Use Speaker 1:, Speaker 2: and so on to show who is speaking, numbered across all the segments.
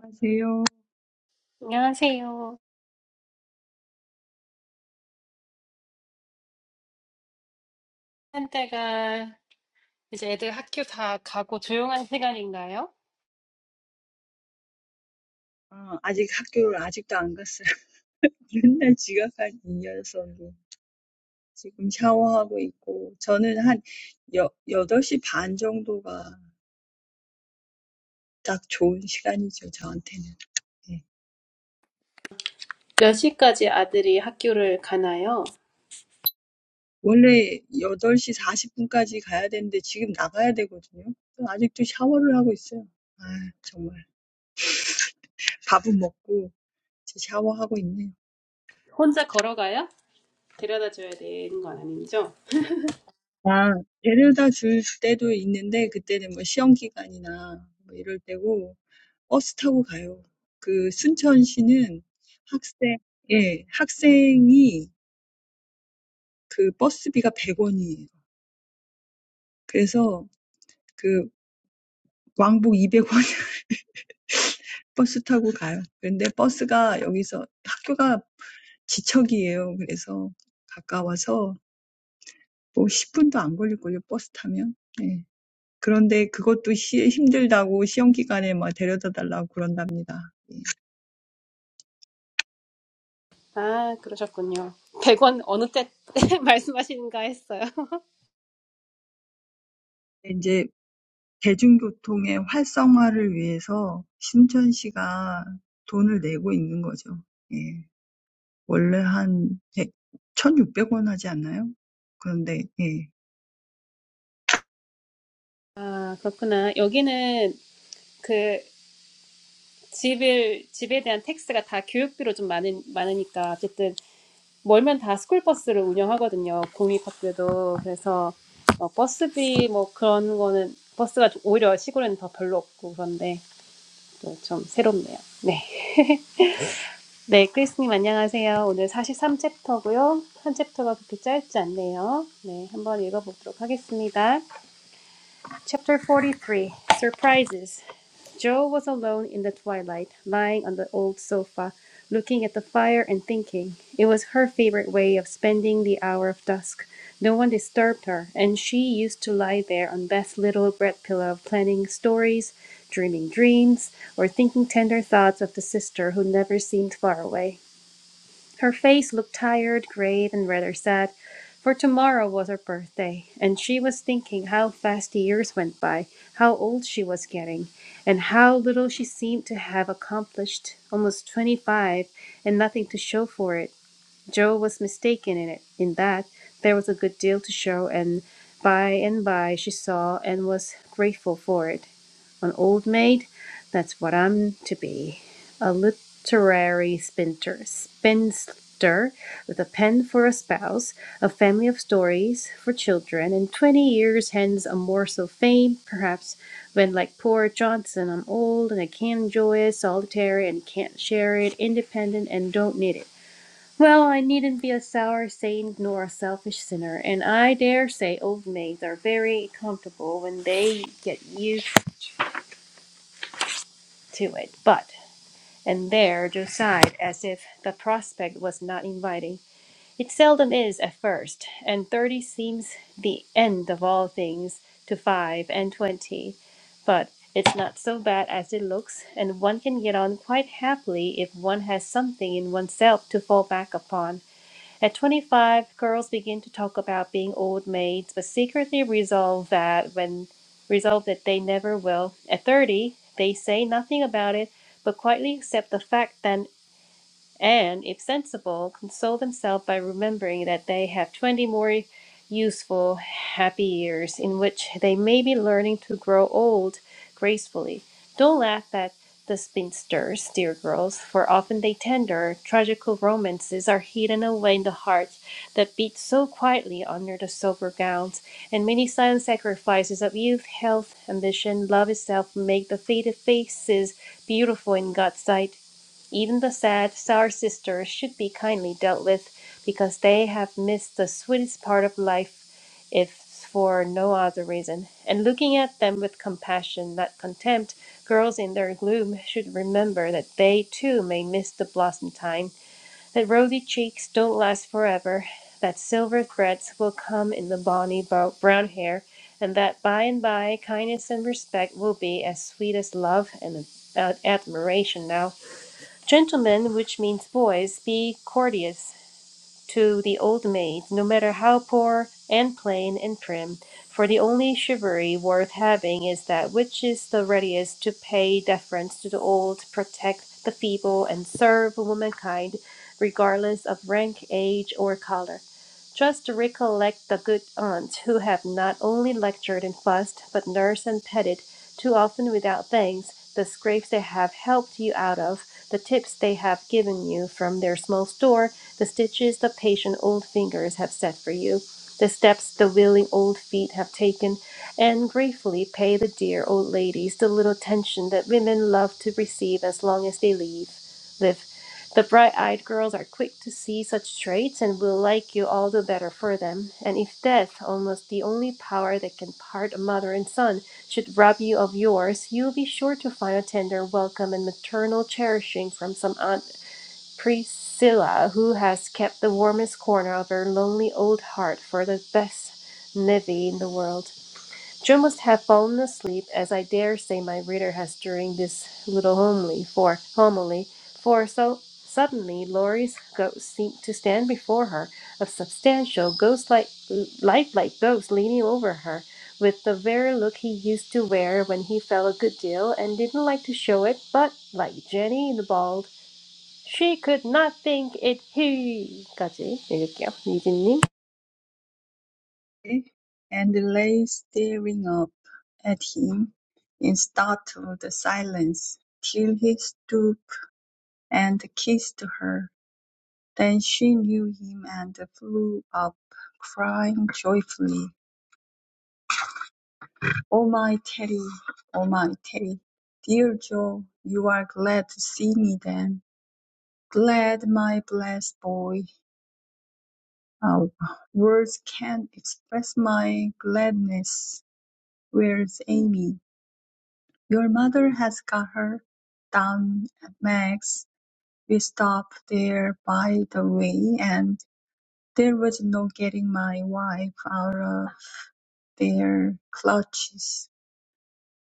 Speaker 1: 안녕하세요.
Speaker 2: 안녕하세요. 한때가 이제 애들 학교 다 가고 조용한 시간인가요?
Speaker 1: 어, 아직 학교를 아직도 안 갔어요. 맨날 지각한 이 녀석이 지금 샤워하고 있고 저는 한 여, 여덟 시 반 정도가 딱 좋은 시간이죠, 저한테는. 예.
Speaker 2: 몇 시까지 아들이 학교를 가나요?
Speaker 1: 원래 여덟 시 사십 분까지 가야 되는데 지금 나가야 되거든요. 아직도 샤워를 하고 있어요. 아, 정말. 밥은 먹고 이제 샤워하고 있네요.
Speaker 2: 혼자 걸어가요? 데려다 줘야 되는 건 아니죠?
Speaker 1: 아, 데려다 줄 때도 있는데 그때는 뭐 시험 기간이나 뭐 이럴 때고 버스 타고 가요. 그 순천시는 학생 예, 학생이 그 버스비가 100 원이에요. 그래서 그 왕복 200원 버스 타고 가요. 근데 버스가 여기서 학교가 지척이에요. 그래서 가까워서 뭐 10분도 안 걸릴걸요, 버스 타면. 예. 그런데 그것도 시, 힘들다고 시험 기간에 막 데려다 달라고 그런답니다.
Speaker 2: 아, 그러셨군요. 100원 어느 때 말씀하시는가 했어요.
Speaker 1: 이제 대중교통의 활성화를 위해서 신천시가 돈을 내고 있는 거죠. 예. 원래 한 100, 원 하지 않나요? 그런데 예.
Speaker 2: 아, 그렇구나. 여기는 그 집을, 집에 대한 텍스가 다 교육비로 좀 많은, 많으니까 어쨌든. 멀면 다 스쿨버스를 운영하거든요. 공립학교도. 그래서 어, 버스비 뭐 그런 거는 버스가 오히려 시골에는 더 별로 없고 그런데 또 좀 새롭네요. 네. 네, 크리스님 안녕하세요. 오늘 사십삼 챕터고요. 한 챕터가 그렇게 짧지 않네요. 네, 한번 읽어보도록 하겠습니다. Chapter 43 Surprises. Joe was alone in the twilight, lying on the old sofa, looking at the fire and thinking. It was her favorite way of spending the hour of dusk. No one disturbed her, and she used to lie there on Beth's little bread pillow, planning stories, dreaming dreams, or thinking tender thoughts of the sister who never seemed far away. Her face looked tired, grave, and rather sad, for tomorrow was her birthday, and she was thinking how fast the years went by, how old she was getting, and how little she seemed to have accomplished. Almost twenty five, and nothing to show for it. Joe was mistaken in it, in that there was a good deal to show, and by and by she saw and was grateful for it. An old maid? That's what I'm to be. A literary spinter, spinster with a pen for a spouse, a family of stories for children, and twenty years hence a morsel of fame, perhaps, when, like poor Johnson, I'm old and I can't enjoy it, solitary and can't share it, independent and don't need it. Well, I needn't be a sour saint nor a selfish sinner, and I dare say old maids are very comfortable when they get used to it. But, and there Joe sighed as if the prospect was not inviting. It seldom is at first, and thirty seems the end of all things to five and twenty. But it's not so bad as it looks, and one can get on quite happily if one has something in oneself to fall back upon. At 25, girls begin to talk about being old maids, but secretly resolve that when resolve that they never will. At 30, they say nothing about it, but quietly accept the fact that and, if sensible, console themselves by remembering that they have twenty more useful, happy years in which they may be learning to grow old gracefully. Don't laugh at the spinsters, dear girls, for often they tender, tragical romances are hidden away in the heart that beats so quietly under the sober gowns, and many silent sacrifices of youth, health, ambition, love itself make the faded faces beautiful in God's sight. Even the sad, sour sisters should be kindly dealt with because they have missed the sweetest part of life if for no other reason. And looking at them with compassion, not contempt, girls in their gloom should remember that they too may miss the blossom time, that rosy cheeks don't last forever, that silver threads will come in the bonny bo- brown hair, and that by and by kindness and respect will be as sweet as love and uh, admiration now. Gentlemen, which means boys, be courteous to the old maid, no matter how poor and plain and prim, for the only chivalry worth having is that which is the readiest to pay deference to the old, protect the feeble, and serve womankind regardless of rank, age, or color. Just recollect the good aunts who have not only lectured and fussed, but nursed and petted, too often without thanks, the scrapes they have helped you out of, the tips they have given you from their small store, the stitches the patient old fingers have set for you, the steps the willing old feet have taken, and gratefully pay the dear old ladies the little attention that women love to receive as long as they live. The bright eyed girls are quick to see such traits and will like you all the better for them. And if death, almost the only power that can part a mother and son, should rob you of yours, you'll be sure to find a tender welcome and maternal cherishing from some Aunt Priscilla, who has kept the warmest corner of her lonely old heart for the best nevy in the world. Jim must have fallen asleep, as I dare say my reader has during this little homily, for homily, for so suddenly Laurie's ghost seemed to stand before her, a substantial, ghost-like, lifelike ghost leaning over her, with the very look he used to wear when he fell a good deal and didn't like to show it, but like Jenny the bald, she could not think it he. 까지 읽을게요.
Speaker 1: And lay staring up at him in startled silence till he stooped and kissed her. Then she knew him and flew up, crying joyfully. Oh my Teddy, oh my Teddy, dear Joe, you are glad to see me then. Glad, my blessed boy. Uh, words can't express my gladness. Where's Amy? Your mother has got her down at Meg's. We stopped there by the way, and there was no getting my wife out of their clutches.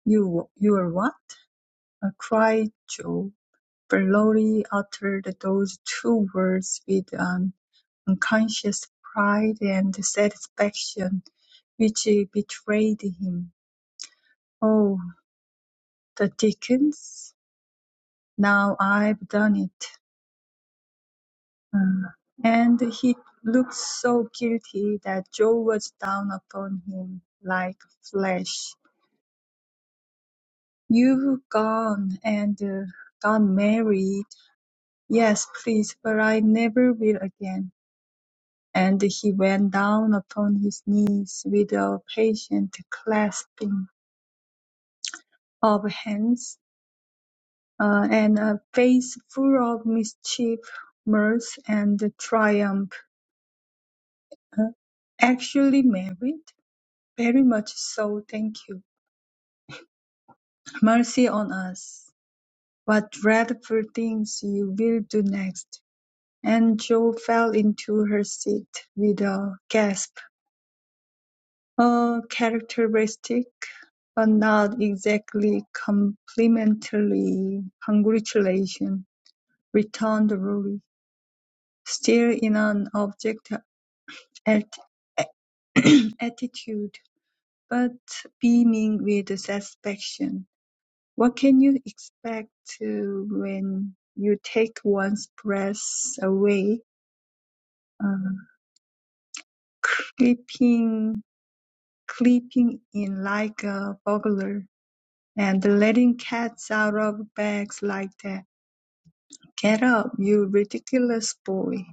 Speaker 1: You, you're what? Uh, cried Joe. Valori uttered those two words with an unconscious pride and satisfaction which betrayed him. "Oh, the dickens! Now I've done it." Uh, And he looked so guilty that Joe was down upon him like flesh. "You've gone and uh, got married. Yes, please, but I never will again. And he went down upon his knees with a patient clasping of hands, uh, and a face full of mischief, mirth, and triumph. Uh, Actually married? Very much so, thank you. Mercy on us. What dreadful things you will do next. And Jo fell into her seat with a gasp. A characteristic, but not exactly complimentary, congratulation, returned Lorry, still in an object at- attitude, but beaming with satisfaction. What can you expect uh, when you take one's breath away, uh, creeping, creeping in like a burglar? and letting cats out of bags like that. Get up, you ridiculous boy,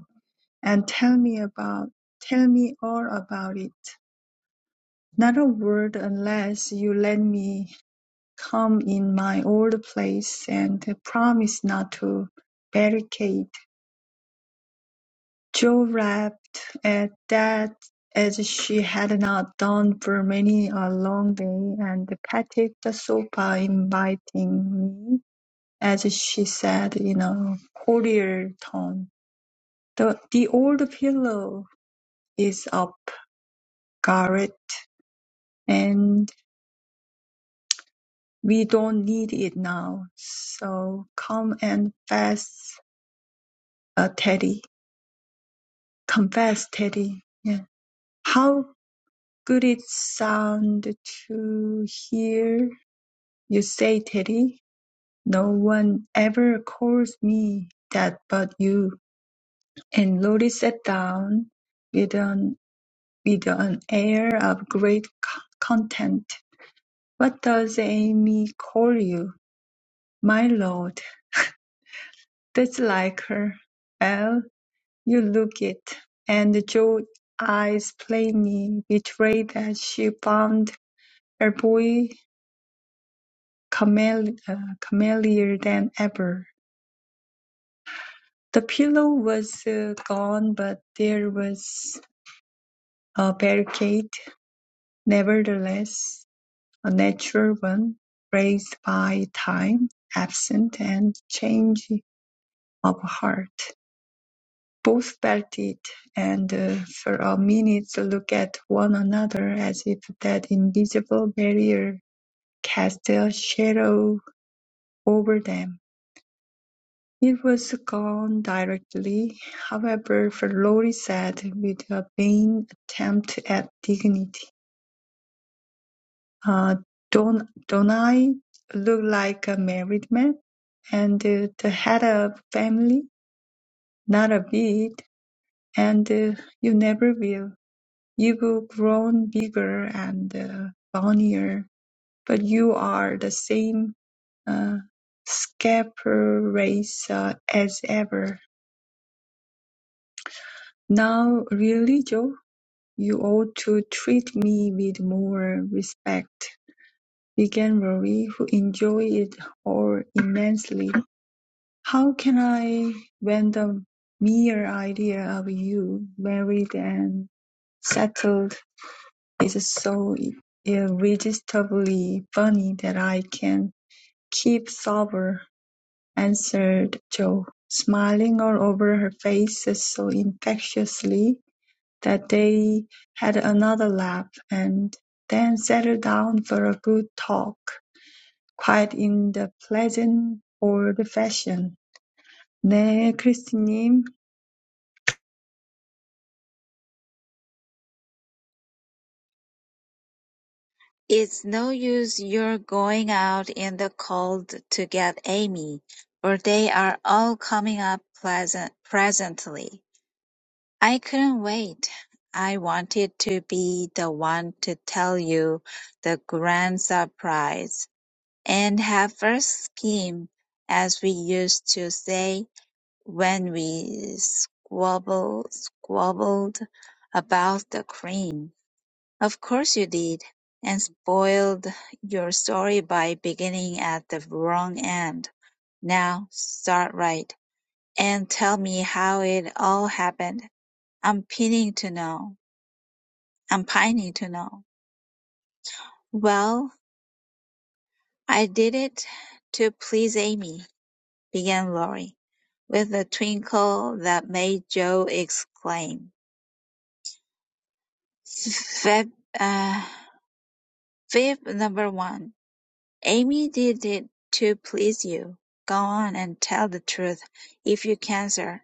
Speaker 1: and tell me about, tell me all about it. Not a word unless you let me come in my old place and promise not to barricade. Jo rapped at that as she had not done for many a long day and patted the sofa, inviting me as she said in a cordial tone. The, the old pillow is up, Garrett, and we don't need it now. So come and fess, uh, Teddy. Confess, Teddy. Yeah. How good it sound to hear you say, Teddy. No one ever calls me that but you. And Lori sat down with an With an air of great c- content: "What does Amy call you?" "My lord." "That's like her." "Well, you look it." And Joe's eyes plainly betrayed that she found her boy comelier than ever. The pillow was uh, gone, but there was a barricade, nevertheless. A natural one, raised by time, absence, and change of heart. Both felt it, and uh, for a minute looked at one another as if that invisible barrier cast a shadow over them. It was gone directly, however, for Lorry said, with a vain attempt at dignity. Uh, not I look like a married man and uh, the head of family, not a bit, and uh, you never will. You've grown bigger and uh, bonnier, but you are the same uh, scaper race uh, as ever. Now, really, Joe, you ought to treat me with more respect, began Rory, who enjoyed it all immensely. How can I, when the mere idea of you, married and settled, is so irresistibly funny that I can keep sober? answered Jo, smiling all over her face so infectiously that they had another laugh, and then settled down for a good talk, quite in the pleasant old fashion. 네, 크리스님.
Speaker 3: It's no use your going out in the cold to get Amy, for they are all coming up pleasant presently. I couldn't wait. I wanted to be the one to tell you the grand surprise and have first scheme, as we used to say when we squabble, squabbled about the cream. Of course you did, and spoiled your story by beginning at the wrong end. Now, start right, and tell me how it all happened. I'm pining to know. I'm pining to know. Well, I did it to please Amy, began Laurie, with a twinkle that made Joe exclaim. Fib, uh, fib number one. Amy did it to please you. Go on and tell the truth, if you can, sir.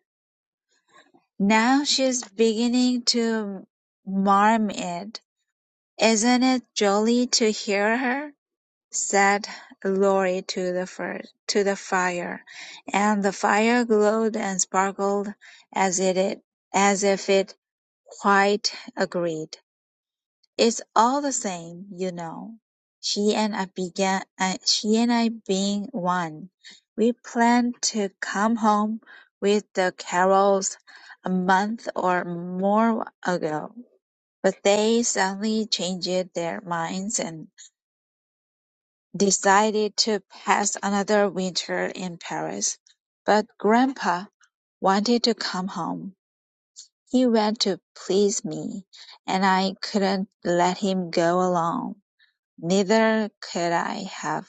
Speaker 3: Now she's beginning to marm it. Isn't it jolly to hear her? said Laurie to the fir- to the fire, and the fire glowed and sparkled as it as if it quite agreed. It's all the same, you know. She and I began, uh, she and I being one. We planned to come home with the Carrolls a month or more ago, but they suddenly changed their minds and decided to pass another winter in Paris. But Grandpa wanted to come home. He went to please me, and I couldn't let him go alone. Neither could I have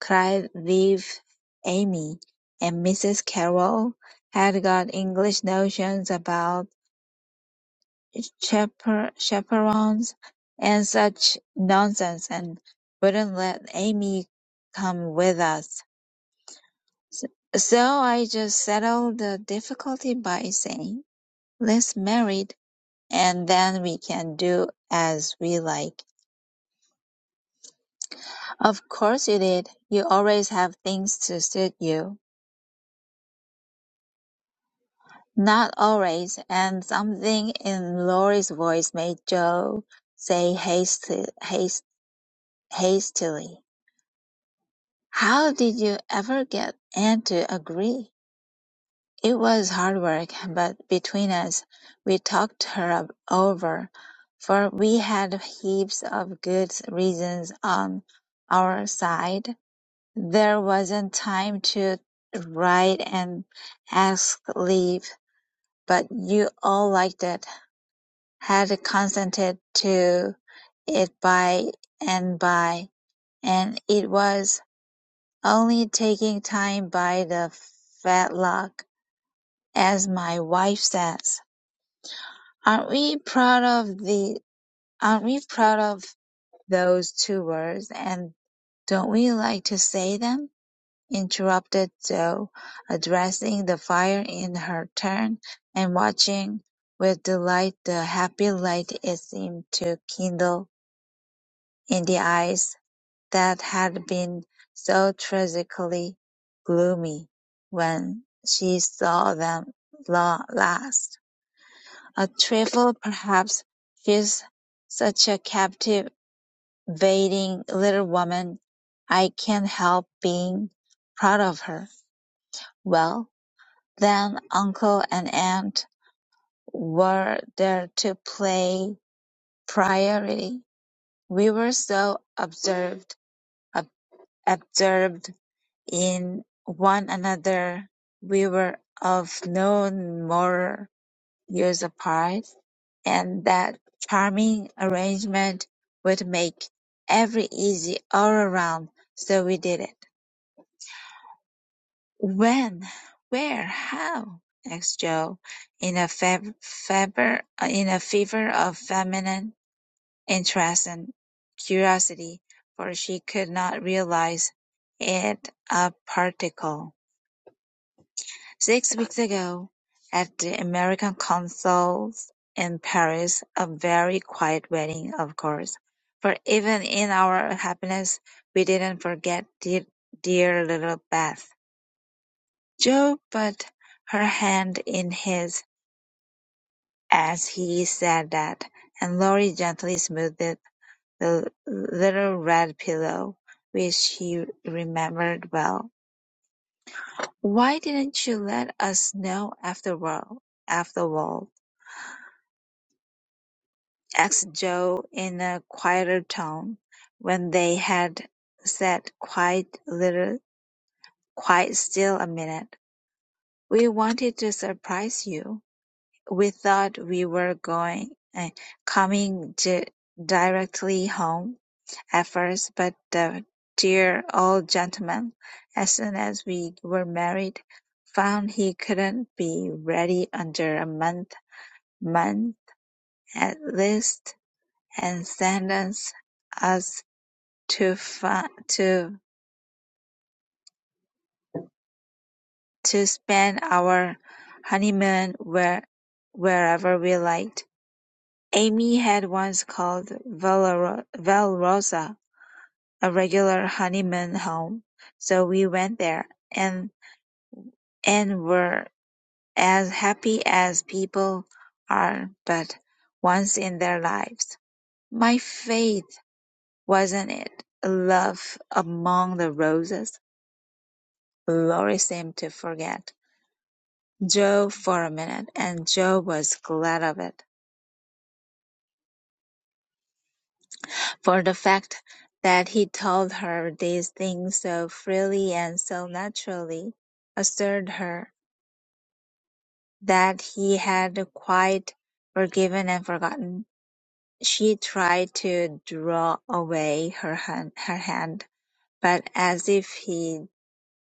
Speaker 3: cried with Amy, and Mrs. Carroll had got English notions about chaper- chaperons and such nonsense, and wouldn't let Amy come with us. So I just settled the difficulty by saying, "Let's married, and then we can do as we like." Of course you did. You always have things to suit you. Not always, and something in Laurie's voice made Joe say hasti- hast- hastily, "How did you ever get Anne to agree?" It was hard work, but between us, we talked her up- over, for we had heaps of good reasons on our side. There wasn't time to write and ask leave, but you all liked it had consented to it by and by, and it was only taking time by the fetlock, as my wife says. Aren't we proud of the aren't we proud of those two words and don't we like to say them? interrupted Joe, addressing the fire in her turn and watching with delight the happy light it seemed to kindle in the eyes that had been so tragically gloomy when she saw them last. A trifle, perhaps. She's such a captivating little woman. I can't help being proud of her. Well, then uncle and aunt were there to play priority. We were so observed, ab- absorbed in one another. We were of no more years apart, and that charming arrangement would make every easy all around, so we did it. When? Where? How? asked Joe, in a feb- fever, uh, in a fever of feminine interest and curiosity, for she could not realize it a particle. Six weeks ago, at the American Consul's in Paris, a very quiet wedding, of course, for even in our happiness we didn't forget dear, dear little Beth. Joe put her hand in his as he said that, and Laurie gently smoothed the little red pillow, which he remembered well. Why didn't you let us know after all? After all? asked Joe in a quieter tone, when they had sat quite little quite still a minute. "We wanted to surprise you. We thought we were going eh, coming di- directly home at first, but the dear old gentleman, as soon as we were married, found he couldn't be ready under a month month at least, and sent us to fa- to to spend our honeymoon where wherever we liked. Amy had once called Valero- Valrosa a regular honeymoon home, so we went there and and were as happy as people are but once in their lives. My faith, wasn't it? Love among the roses? Lori seemed to forget. Joe for a minute, and Joe was glad of it, for the fact that he told her these things so freely and so naturally assured her that he had quite forgiven and forgotten. She tried to draw away her hand, her hand, but as if he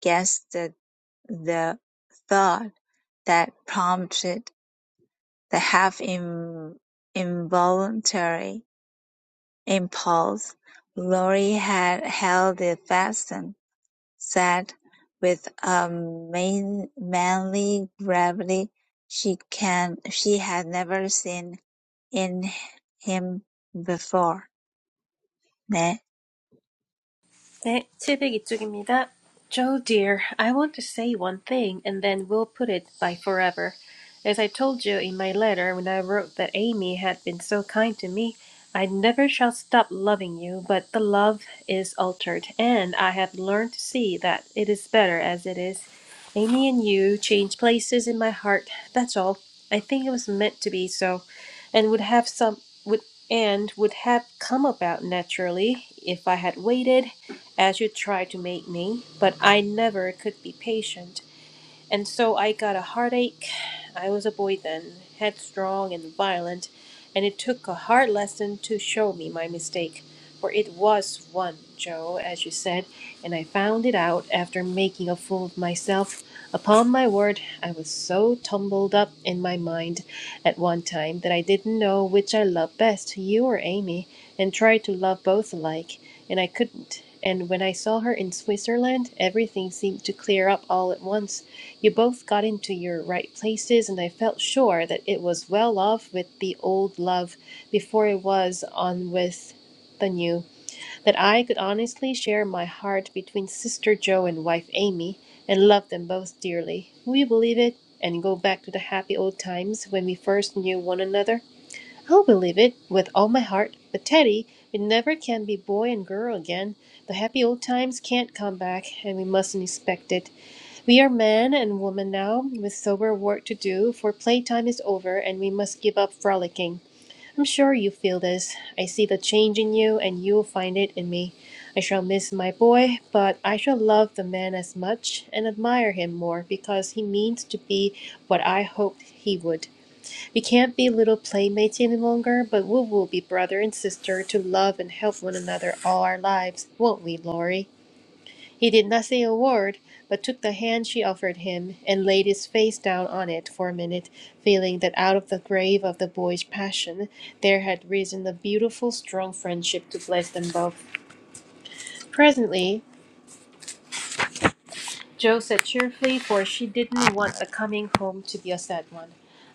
Speaker 3: guessed the, the thought that prompted the half in, involuntary In Paul's, Laurie had held it fast said, with a man manly gravity she can she had never seen in him before. Ne?
Speaker 2: 네, 702쪽입니다. Joe dear, I want to say one thing and then we'll put it by forever. As I told you in my letter when I wrote that Amy had been so kind to me, I never shall stop loving you, but the love is altered and I have learned to see that it is better as it is. Amy and you change places in my heart, that's all. I think it was meant to be so and would have some would and would have come about naturally if I had waited as you tried to make me, but I never could be patient. And so I got a heartache. I was a boy then, headstrong and violent, and it took a hard lesson to show me my mistake. For it was one, Joe, as you said, and I found it out after making a fool of myself. Upon my word, I was so tumbled up in my mind at one time that I didn't know which I loved best, you or Amy, and tried to love both alike, and I couldn't. And when I saw her in Switzerland, everything seemed to clear up all at once. You both got into your right places, and I felt sure that it was well off with the old love before it was on with the new, that I could honestly share my heart between Sister Joe and wife Amy, and love them both dearly. Will you believe it? And go back to the happy old times when we first knew one another? I'll believe it with all my heart. But Teddy, we never can be boy and girl again. The happy old times can't come back, and we mustn't expect it. We are man and woman now, with sober work to do, for playtime is over and we must give up frolicking. I'm sure you feel this. I see the change in you, and you'll find it in me. I shall miss my boy, but I shall love the man as much and admire him more because he means to be what I hoped he would. We can't be little playmates any longer, but we will be brother and sister to love and help one another all our lives, won't we, Laurie? He did not say a word, but took the hand she offered him, and laid his face down on it for a minute, feeling that out of the grave of the boyish passion there had risen a beautiful, strong friendship to bless them both. Presently Joe said cheerfully, for she didn't want a coming home to be a sad one.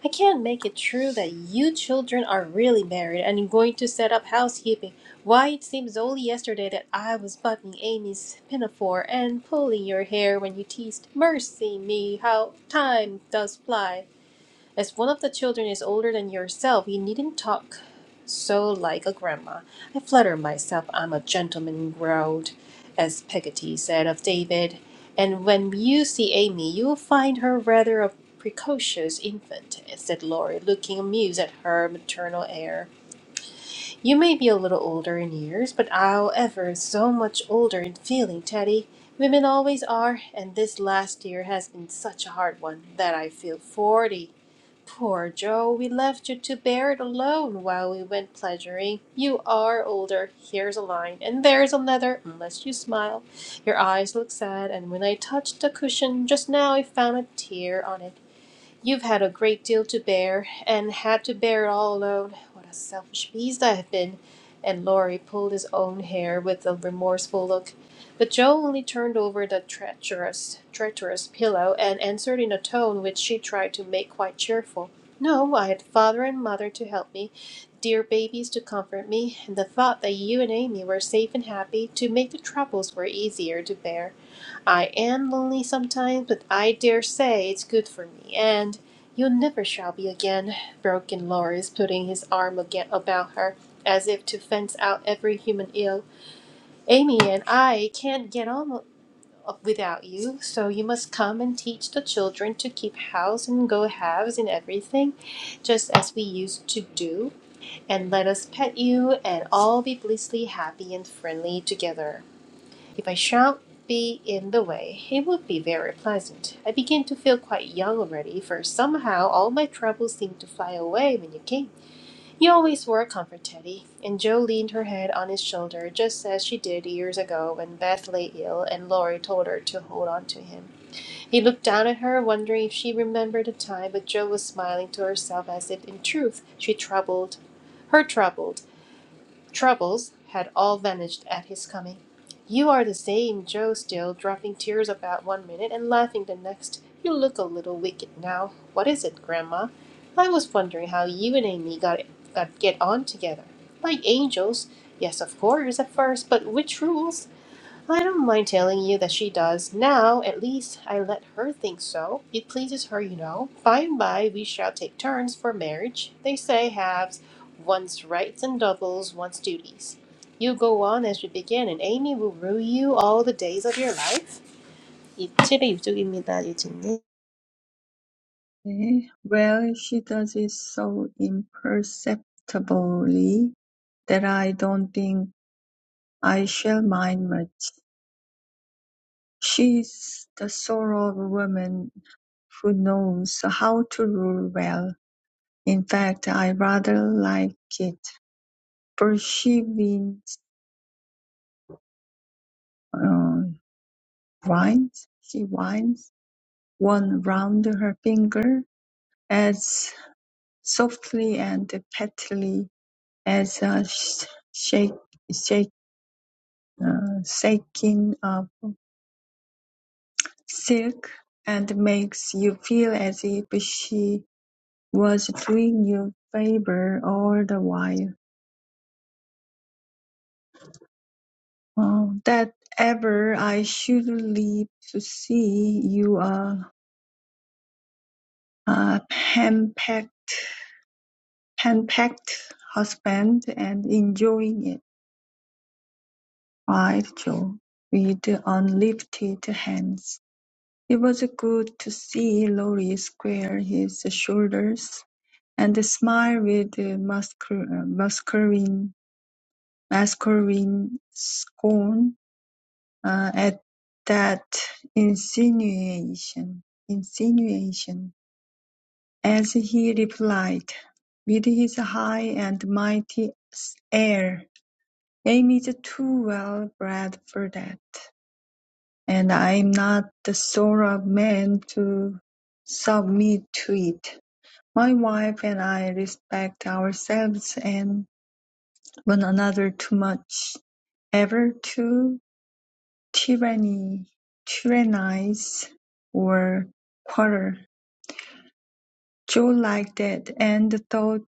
Speaker 2: I can't make it true that you children are really married and going to set up housekeeping. Why, it seems only yesterday that I was buttoning Amy's pinafore and pulling your hair when you teased. Mercy me, how time does fly! As one of the children is older than yourself, you needn't talk so like a grandma. I flatter myself I'm a gentleman growled, as Peggotty said of David, and when you see Amy, you'll find her rather a precocious infant, said Laurie, looking amused at her maternal air. You may be a little older in years, but I'll ever so much older in feeling, Teddy. Women always are, and this last year has been such a hard one that I feel forty. Poor Joe, we left you to bear it alone while we went pleasuring. You are older. Here's a line, and there's another, unless you smile. Your eyes look sad, and when I touched the cushion just now, I found a tear on it. You've had a great deal to bear, and had to bear it all alone. What a selfish beast I have been!" And Laurie pulled his own hair with a remorseful look. But Joe only turned over the treacherous, treacherous pillow, and answered in a tone which she tried to make quite cheerful. "No, I had father and mother to help me, dear babies to comfort me, and the thought that you and Amy were safe and happy, to make the troubles were easier to bear. I am lonely sometimes, but I dare say it's good for me, and you never shall be again, broke in Lawrence, putting his arm again about her, as if to fence out every human ill. Amy and I can't get on without you, so you must come and teach the children to keep house and go halves in everything, just as we used to do, and let us pet you and all be blissfully happy and friendly together. If I shan't be in the way, it would be very pleasant. I begin to feel quite young already, for somehow all my troubles seemed to fly away when you came. You always were a comfort, Teddy. And Joe leaned her head on his shoulder, just as she did years ago when Beth lay ill and Laurie told her to hold on to him. He looked down at her, wondering if she remembered the time, but Joe was smiling to herself as if, in truth, she troubled her troubled troubles had all vanished at his coming. You are the same Joe still, dropping tears about one minute and laughing the next. You look a little wicked now. What is it, Grandma? I was wondering how you and Amy got, got get on together. Like angels, yes, of course, at first, but which rules? Well, I don't mind telling you that she does. Now, at least, I let her think so. It pleases her, you know. By and by, we shall take turns for marriage. They say halves one's rights and doubles one's duties. You go on as you begin, and Amy will rule you all the days of your life. 이 집의 유족입니다, 유진님.
Speaker 1: Eh, Well, she does it so imperceptibly that I don't think I shall mind much. She's the sort of woman who knows how to rule well. In fact, I rather like it, for she wins, uh, winds, she winds one round her finger as softly and prettily as a sh- shake, uh, shaking of silk and makes you feel as if she was doing you favor all the while. Oh, that ever I should live to see you a a hand-packed, hand-packed husband and enjoying it, cried Joe, with unlifted hands. It was good to see Laurie square his shoulders And a smile with uh, mascul- uh, masculine, masculine scorn uh, at that insinuation, insinuation, as he replied, with his high and mighty air, "Aim is too well bred for that, and I am not the sort of man to submit to it. My wife and I respect ourselves and one another too much, ever to tyranny, tyrannize or quarrel. Joe liked that and thought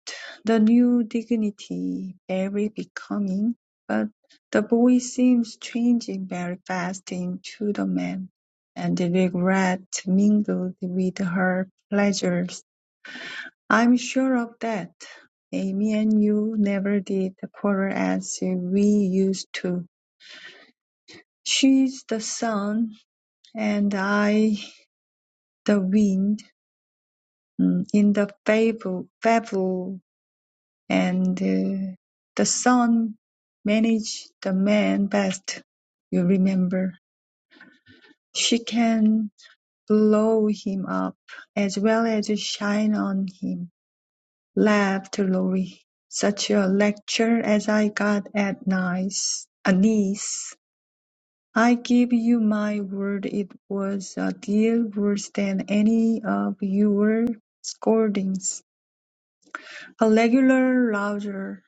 Speaker 1: the new dignity very becoming, but the boy seems changing very fast into the man, and the regret mingled with her pleasures. I'm sure of that. Amy and you never did quarrel as we used to. She's the sun and I the wind mm, in the fable, fable and uh, the sun manage the man best, you remember. She can blow him up as well as shine on him, laughed Lori. Such a lecture as I got at Nice, a niece I give you my word it was a deal worse than any of your scoldings. A regular rouser,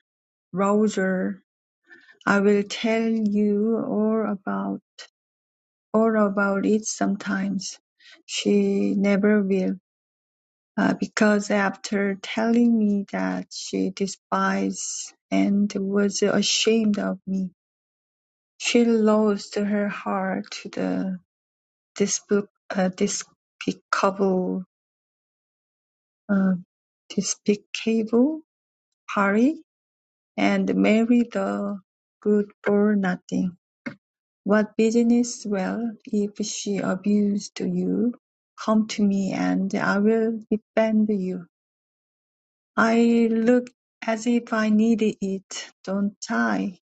Speaker 1: rouser. I will tell you all about all about it sometimes. She never will, uh, because after telling me that she despised and was ashamed of me, she lost her heart to the Despicable uh, despicable, uh, despicable Harry and Mary the good for nothing. What business Well, if she abused you, come to me and I will defend you. I look as if I needed it, don't I?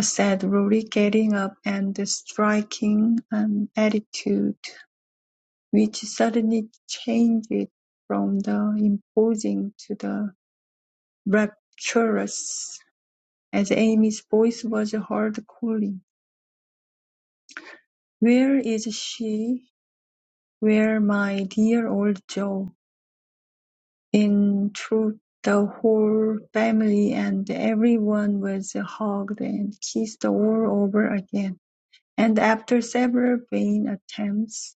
Speaker 1: said Rory, getting up and striking an attitude. which suddenly changed from the imposing to the rapturous, as Amy's voice was heard calling, "Where is she? Where my dear old Joe?" In truth, the whole family and everyone was hugged and kissed all over again, and after several vain attempts,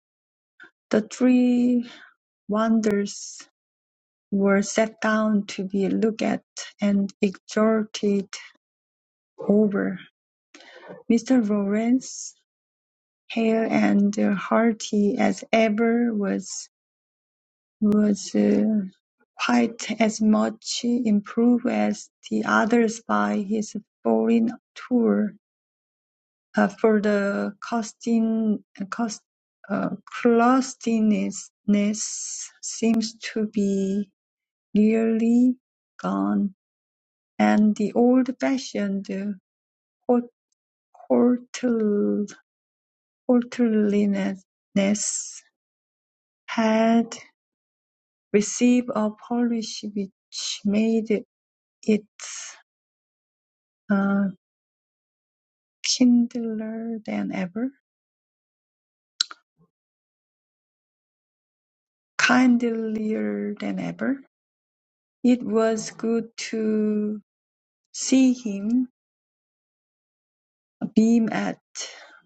Speaker 1: the three wanderers were set down to be looked at and exhorted over. Mr. Lawrence, hale and hearty as ever, was was uh, quite as much improved as the others by his foreign tour. Uh, for the costin, cost, uh, closeness seems to be nearly gone. And the old-fashioned courtliness had received a polish which made it uh, kindlier than ever. Kindlier than ever. It was good to see him beam at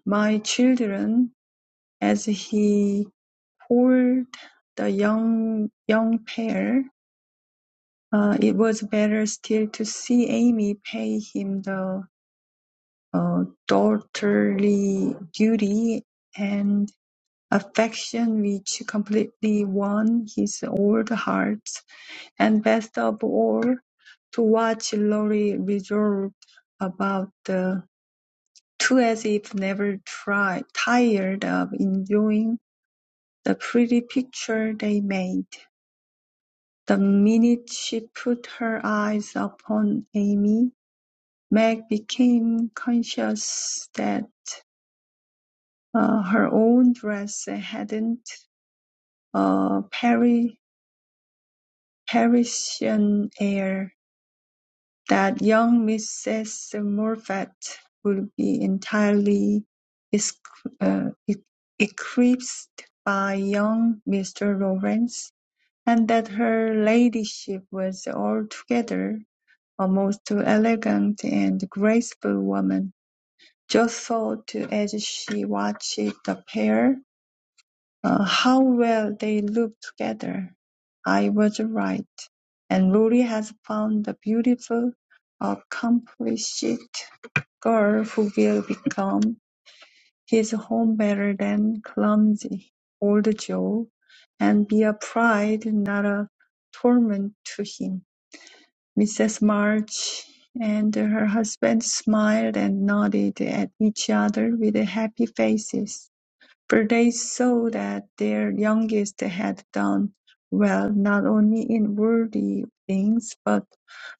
Speaker 1: my children as he poured the young young pair Uh, It was better still to see Amy pay him the uh, daughterly duty and affection which completely won his old heart, and best of all, to watch Lori resolved about the two as if never try, tired of enjoying the pretty picture they made. The minute she put her eyes upon Amy, Meg became conscious that uh, her own dress hadn't a Pari- Parisian air, that young Mrs. Moffat would be entirely es- uh, e- eclipsed by young Mr. Lawrence, and that her ladyship was altogether a most elegant and graceful woman. Joe thought as she watched the pair, uh, "How well they looked together. I was right, and Lori has found a beautiful, accomplished girl who will become his home better than clumsy old Joe, and be a pride, not a torment to him." Mrs. March and her husband smiled and nodded at each other with happy faces, for they saw that their youngest had done well not only in worldly things, but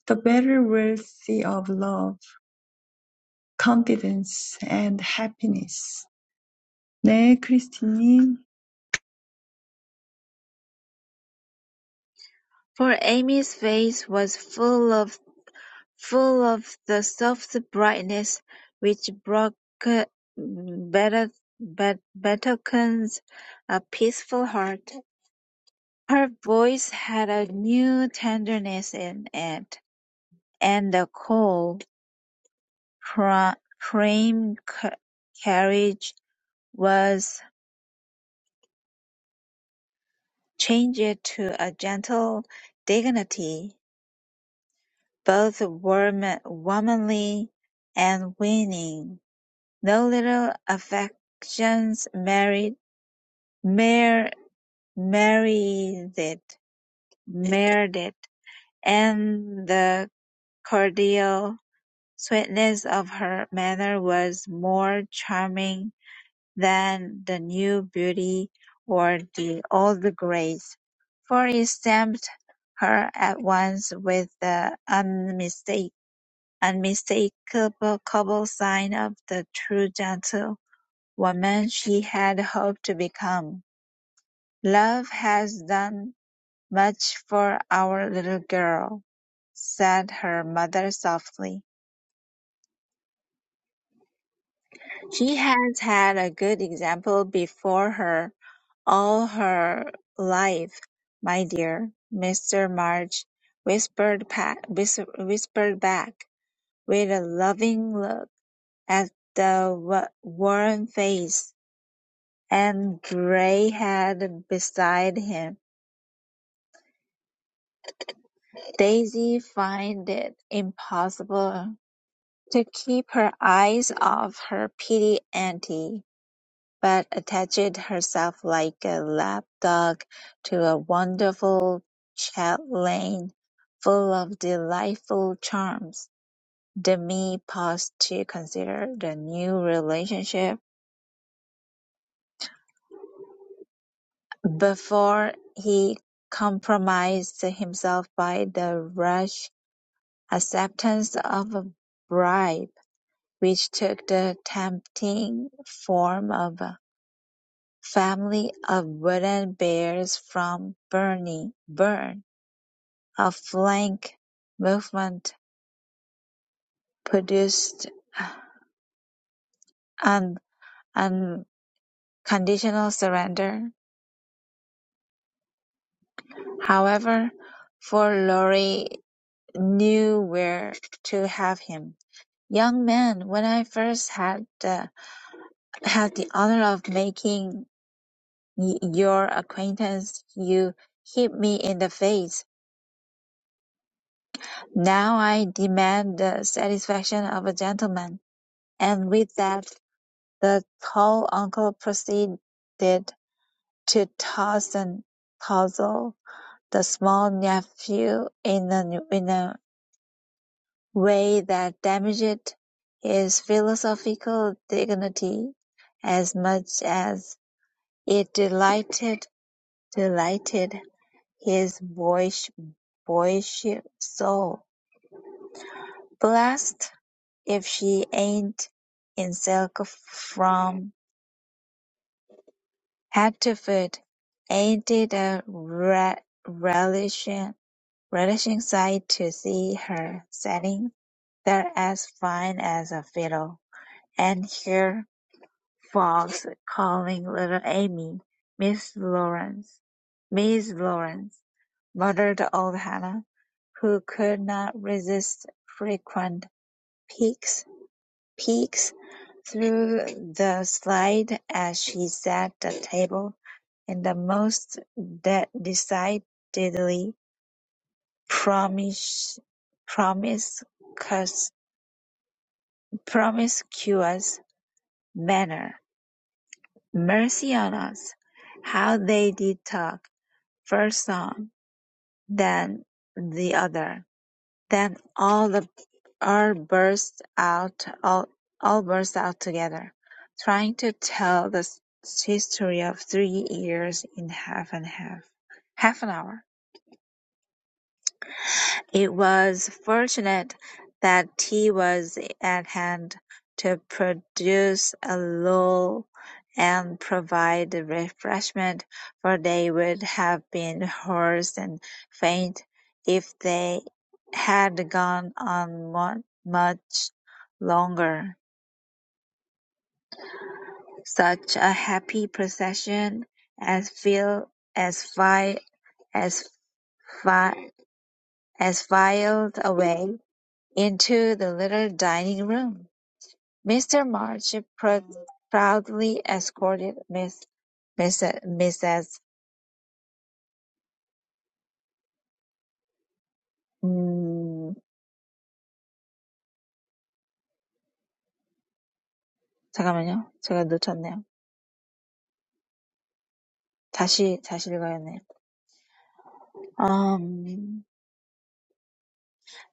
Speaker 1: the better wealthy of love, confidence, and happiness. 네, 크리스티님.
Speaker 3: For Amy's face was full of full of the soft brightness which broke bet bet- betokens a peaceful heart. Her voice had a new tenderness in it, and the cold, fra- frame ca- carriage was changed to a gentle dignity, both warm- womanly and winning. No little affections married, mar- married, it, married, it, and the cordial Sweetness of her manner was more charming than the new beauty or the old grace, for it stamped her at once with the unmistake- unmistakable sign of the true gentlewoman she had hoped to become. "Love has done much for our little girl," said her mother softly. She has had a good example before her all her life, my dear," Mr. March whispered, pa- whis- whispered back, with a loving look at the wa- worn face and gray head beside him. Daisy found it impossible to keep her eyes off her pretty auntie. but attached herself like a lap-dog to a wonderful chatelaine full of delightful charms. Demi paused to consider the new relationship before he compromised himself by the rash acceptance of a bribe, which took the tempting form of a family of wooden bears from Berne. Bern. A flank movement produced an unconditional surrender, however, for Lorry knew where to have him. "Young man, when I first had the had the honor of making y- your acquaintance, you hit me in the face. Now I demand the satisfaction of a gentleman." And with that, the tall uncle proceeded to Tarzan-puzzle the small nephew in a in a way that damaged his philosophical dignity as much as it delighted delighted his boyish boyish soul. Blessed if she ain't in silk from head ain't it a re- relish Relishing sight to see her sitting there as fine as a fiddle, and hear folks calling little Amy, "Miss Lawrence, Miss Lawrence," muttered old Hannah, who could not resist frequent peeks, peeks through the slide as she set the table in the most de- decidedly promis- Promiscuous promiscuous manner. mercy on us. how they did talk! First one, then the other, then all the all burst out all, all burst out together, trying to tell the s- history of three years in half and half half an hour. It was fortunate that tea was at hand to produce a lull and provide refreshment, for they would have been hoarse and faint if they had gone on mu- much longer. Such a happy procession as fil- as fi- as fi- as filed away Into the little dining room, Mr. March prou- proudly escorted Miss, Miss, Mrs. 음, 잠깐만요. 제가 놓쳤네요. 다시, 다시 읽어야겠네요. Um,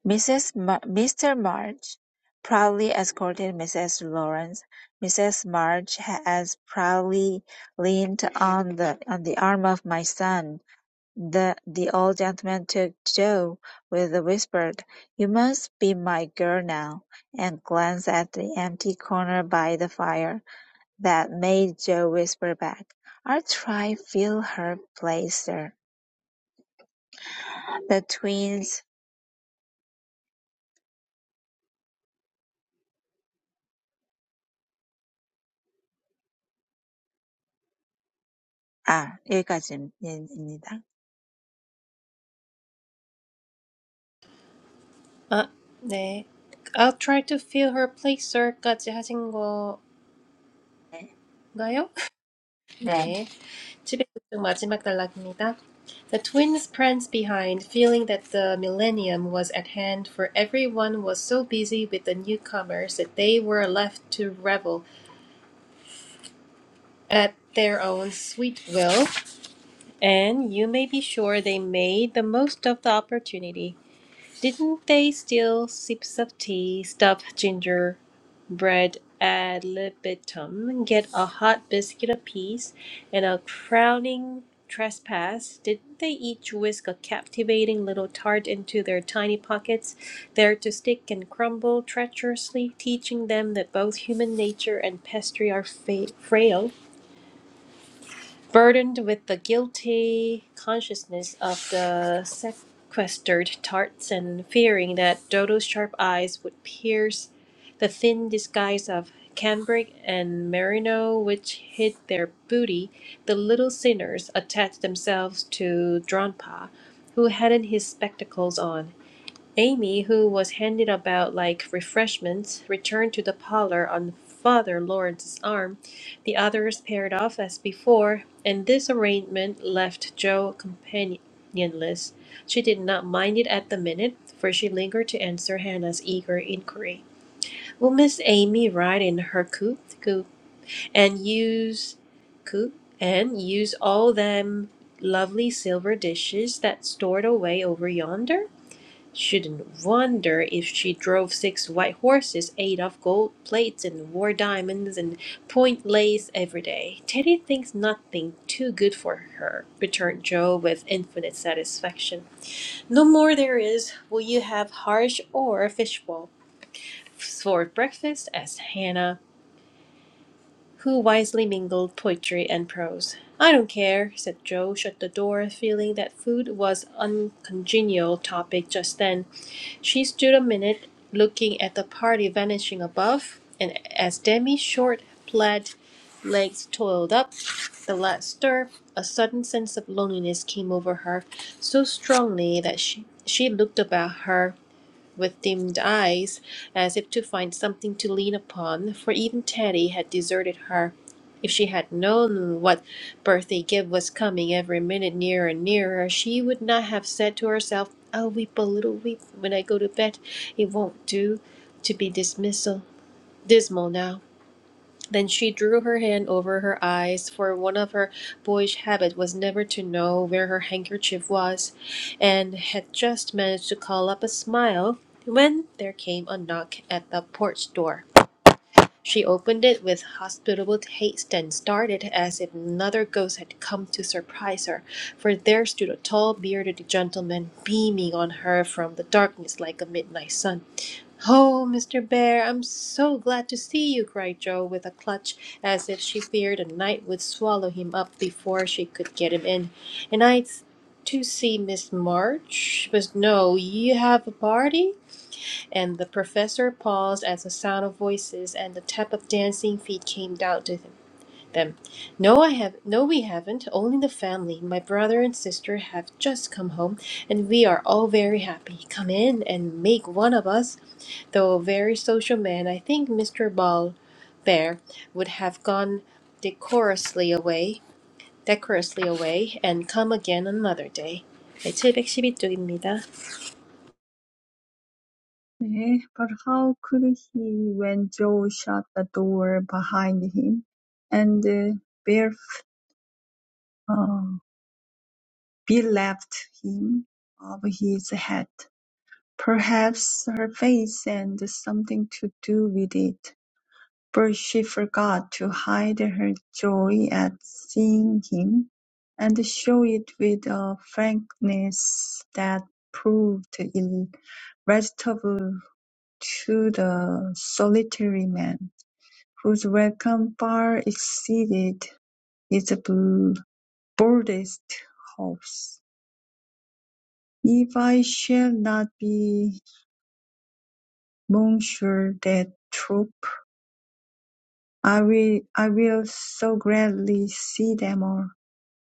Speaker 3: Mrs. Ma- Mr. March proudly escorted Mrs. Lawrence. Mrs. March has proudly leaned on the on the arm of my son. The the old gentleman took Joe with a whispered "You must be my girl now," and glanced at the empty corner by the fire, that made Joe whisper back, "I'll try fill her place there." The twins 아 여기까지입니다.
Speaker 2: 아, 네. I'll try to fill her place, sir까지 하신 건가요?
Speaker 3: 네. 네.
Speaker 2: 네. 700쪽 마지막 단락입니다. The twins pranced behind, feeling that the millennium was at hand, for everyone was so busy with the newcomers that they were left to revel at their own sweet will, and you may be sure they made the most of the opportunity. Didn't they steal sips of tea, stuff gingerbread ad libitum, get a hot biscuit apiece, and a crowning trespass? Didn't they each whisk a captivating little tart into their tiny pockets, there to stick and crumble treacherously, teaching them that both human nature and pastry are fa- frail? burdened with the guilty consciousness of the sequestered tarts and fearing that Dodo's sharp eyes would pierce the thin disguise of cambric and merino which hid their booty, the little sinners attached themselves to Dronpa, who hadn't his spectacles on. Amy, who was handed about like refreshments, returned to the parlor on Father Lawrence's arm. The others paired off as before, and this arrangement left Jo companionless. She did not mind it at the minute, for she lingered to answer Hannah's eager inquiry. Will Miss Amy ride in her coupe, coupe and use coupe and use all them lovely silver dishes that's stored away over yonder? Shouldn't wonder if she drove six white horses, ate off gold plates, and wore diamonds and point lace every day. Teddy thinks nothing too good for her, returned Joe with infinite satisfaction. No more there is. Will you have harsh or fishbowl for breakfast? asked Hannah, who wisely mingled poetry and prose. I don't care, said Joe, shut the door, feeling that food was uncongenial topic just then she stood a minute, looking at the party vanishing above, and as Demi's short, plaid legs toiled up the last stir, a sudden sense of loneliness came over her so strongly that she, she looked about her with dimmed eyes, as if to find something to lean upon, for even Teddy had deserted her. If she had known what birthday gift was coming every minute nearer and nearer, she would not have said to herself, I'll weep a little weep when I go to bed. It won't do to be dismissal, dismal now. Then she drew her hand over her eyes, for one of her boyish habits was never to know where her handkerchief was, and had just managed to call up a smile when there came a knock at the porch door. She opened it with hospitable haste and started as if another ghost had come to surprise her, for there stood a tall bearded gentleman beaming on her from the darkness like a midnight sun. Oh, Mr. Bear, I'm so glad to see you, cried Joe with a clutch, as if she feared a night would swallow him up before she could get him in. And I to see Miss March, but no, you have a party? And the professor paused as the sound of voices and the tap of dancing feet came down to him them. No, I have no we haven't, only the family. My brother and sister have just come home and we are all very happy. Come in and make one of us. Though a very social man, I think Mr. Ball Bear would have gone decorously away, decorously away and come again another day. 네, 712쪽입니다.
Speaker 1: 네, but how could he when Joe shut the door behind him and uh, barefoot? uh, bereft him of his hat, perhaps her face had something to do with it, for she forgot to hide her joy at seeing him, and showed it with a frankness that proved irresistible to the solitary man, whose welcome far exceeded his boldest hopes. If I shall not be Monsieur de Trop, I will I will so gladly see them all.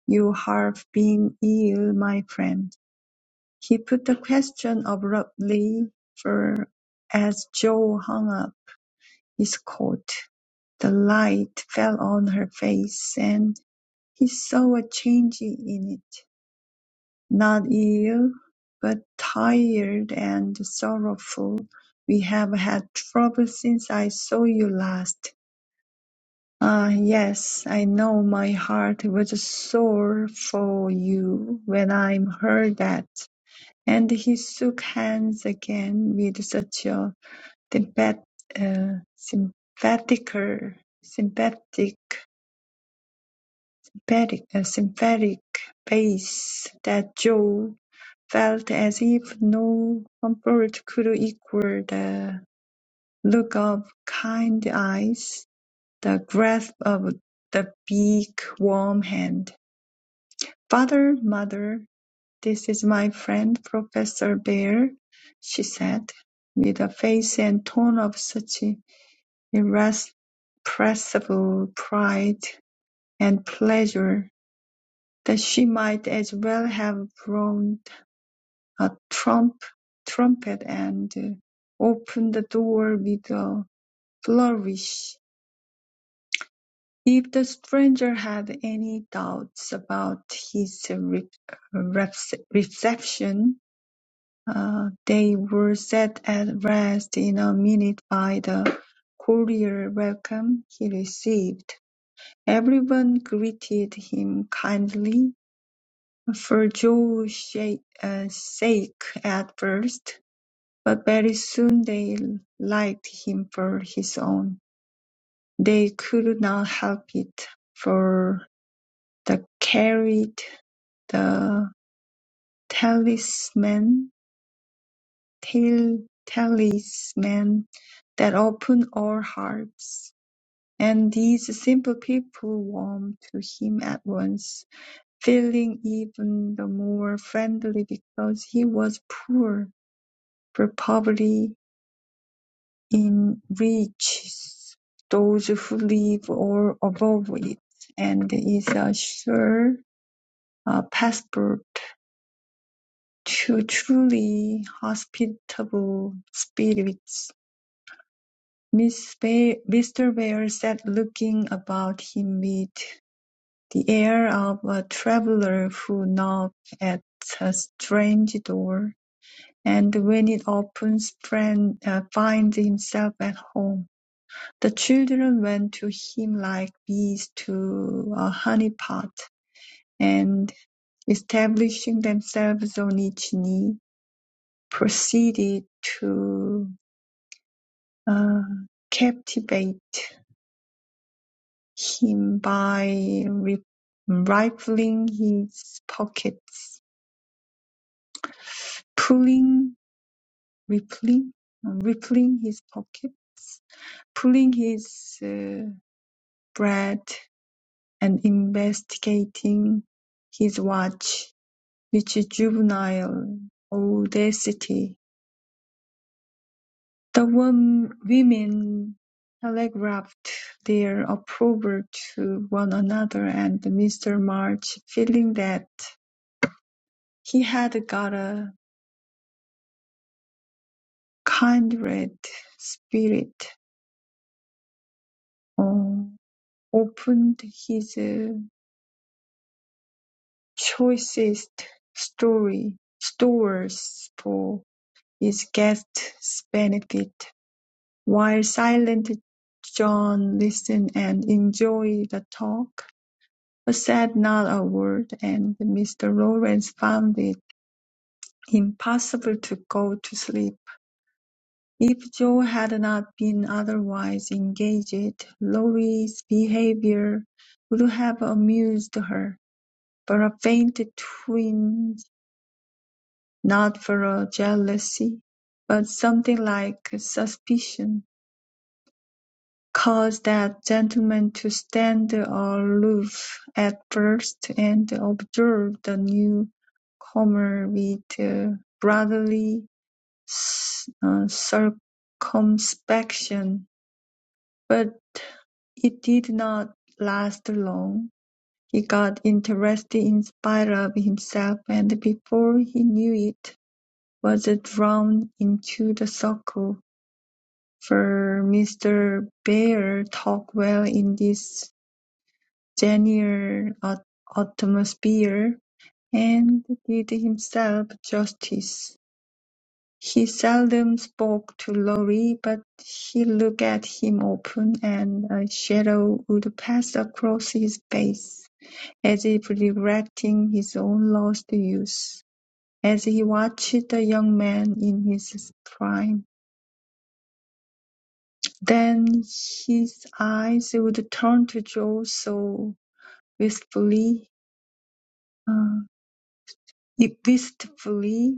Speaker 1: You have been ill, my friend." He put the question abruptly, for as Jo hung up his coat, the light fell on her face, and he saw a change in it. Not ill, but tired and sorrowful. We have had trouble since I saw you last. Ah, yes, I know my heart was sore for you when I heard that. And he shook hands again with such a sympath- uh, sympathetical, sympathetic, sympathetic, uh, sympathetic face that Joe felt as if no comfort could equal the look of kind eyes, the grasp of the big, warm hand. "Father, mother, this is my friend, Professor Bear," she said, with a face and tone of such irrepressible pride and pleasure that she might as well have frowned a trump, trumpet and opened the door with a flourish. If the stranger had any doubts about his re- rep- reception, uh, they were set at rest in a minute by the cordial welcome he received. Everyone greeted him kindly, for Joe's uh, sake at first, But very soon they liked him for his own. They could not help it, for they carried the talisman, tal- talisman that opened all hearts. And these simple people warmed to him at once, feeling even the more friendly because he was poor, for poverty enriches those who live or above it, and is a sure uh, passport to truly hospitable spirits. Mr. Bear sat looking about him with the air of a traveller who knocked at a strange door, and when it opens, friend, uh, finds himself at home. The children went to him like bees to a honey-pot, and, establishing themselves on each knee, proceeded to uh, captivate him by ri- rifling his pockets, pulling, rippling, rippling his pockets, pulling his uh, bread, and investigating his watch. which is juvenile audacity! The women telegraphed their approval to one another, and Mr. March, feeling that he had got a kindred spirit, uh, opened his uh, choicest story stores for his guests' benefit. While Silent John listened and enjoyed the talk, but said not a word, and Mr. Lawrence found it impossible to go to sleep. If Joe had not been otherwise engaged, Laurie's behavior would have amused her, but a faint twinge, not for a jealousy, but something like suspicion Caused that gentleman to stand aloof at first and observe the newcomer with uh, brotherly uh, circumspection. But it did not last long. He got interested in spite of himself, and before he knew it, was drawn into the circle. For Mr. Bear talked well in this General atmosphere, and did himself justice. He seldom spoke to Lorry, but he looked at him often, and a shadow would pass across his face, as if reflecting his own lost youth as he watched the young man in his prime. Then his eyes would turn to Joe so wistfully, uh, wistfully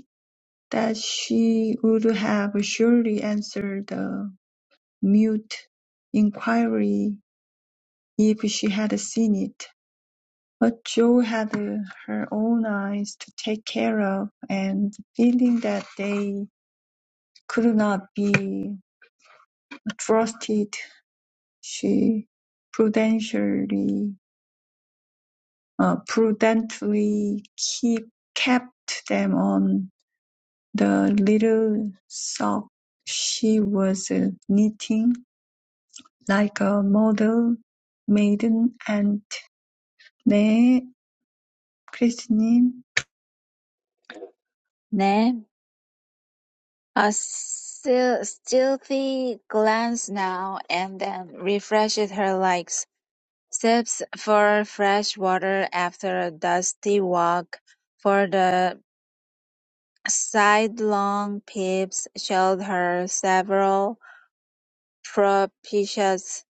Speaker 1: that she would have surely answered the mute inquiry if she had seen it. But Jo had her own eyes to take care of, and feeling that they could not be trusted, she prudentially, uh, prudently keep, kept them on the little sock she was uh, knitting Like a model maiden and "네, Christine,
Speaker 3: 네. A stealthy glance now and then refreshed her like Sips for fresh water after a dusty walk, for the sidelong peeps showed her several propitious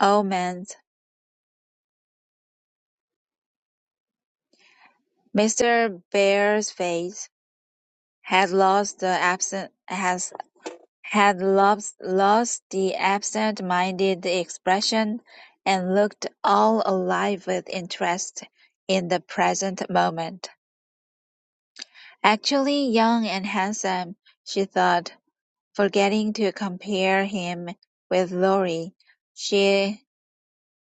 Speaker 3: omens. Mr. Bear's face had lost the absent has had lost, lost the absent-minded expression, and looked all alive with interest in the present moment. Actually young and handsome, she thought forgetting to compare him with Lorry, she,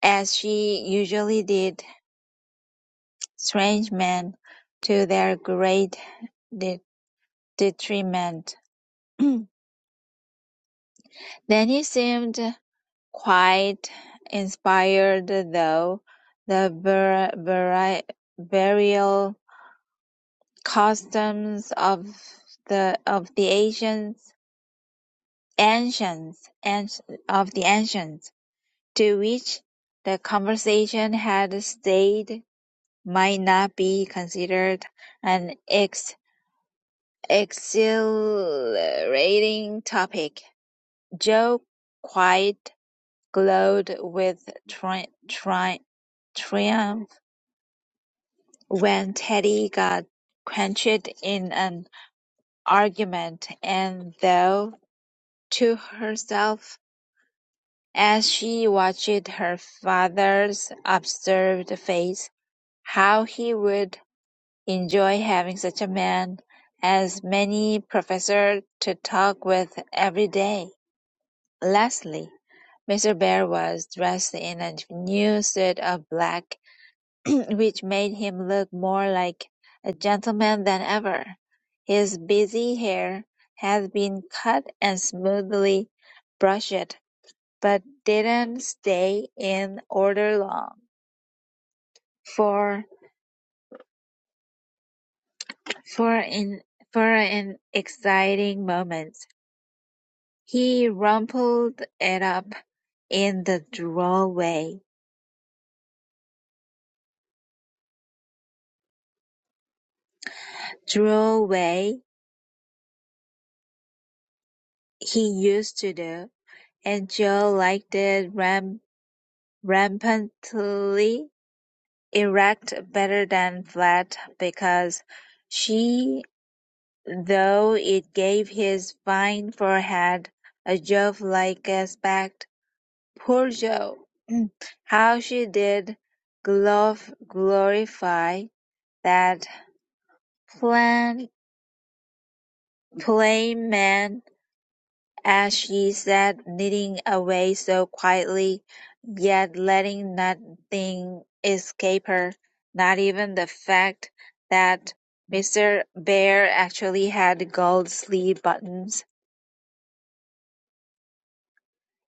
Speaker 3: as she usually did, strange men, to their great de- detriment. Then he seemed quite inspired, though the bur- buri- burial customs of the of the ancients, ancients, anci- of the ancients to which the conversation had stayed might not be considered an ex- exhilarating topic. Jo quite glowed with tri- tri- triumph when Teddy got quenched in an argument, and though to herself as she watched her father's observed face, how he would Enjoy having such a man as many professor to talk with every day. Lastly, Mr. Bear was dressed in a new suit of black, which made him look more like a gentleman than ever. His busy hair had been cut and smoothly brushed, but didn't stay in order long, for for in for an exciting moment. He rumpled it up in the drawway Drawway he used to do, and Joe liked it ram- rampantly erect better than flat because she though it gave his fine forehead a Jove-like aspect. Poor Joe! How she did glof- glorify that plan! Plain man, as she sat knitting away so quietly, yet letting nothing escape her, not even the fact that Mr. Bear actually had gold sleeve buttons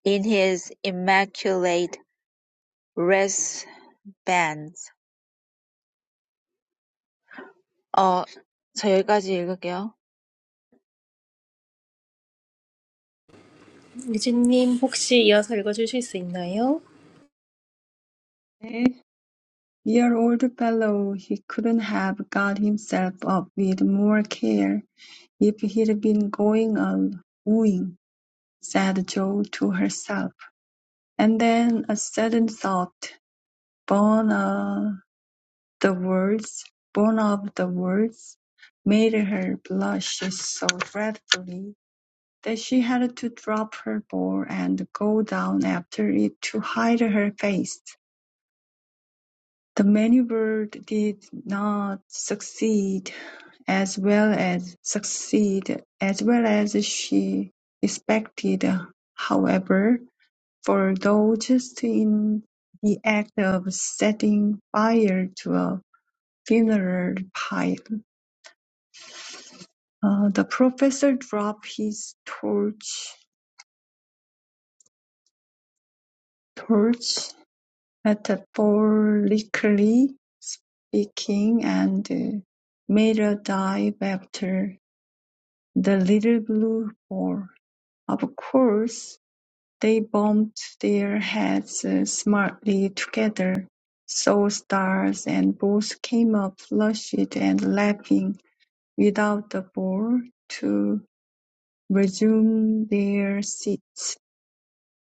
Speaker 3: in his immaculate wristbands. 어, 저 여기까지 읽을게요.
Speaker 2: 유진님 혹시 이어서 읽어주실 수 있나요?
Speaker 1: 네." Dear old fellow, he couldn't have got himself up with more care if he'd been going a wooing, said Jo to herself. And then a sudden thought, born of the words, born of the words, made her blush so dreadfully That she had to drop her ball and go down after it to hide her face. The maneuver did not succeed as well as succeed as well as she expected, however, for though just in the act of setting fire to a funeral pile, uh, the professor dropped his torch torch Metaphorically speaking, and uh, made a dive after the little blue ball. Of course, they bumped their heads uh, smartly together, saw stars, and both came up flushed and laughing without the ball to resume their seats,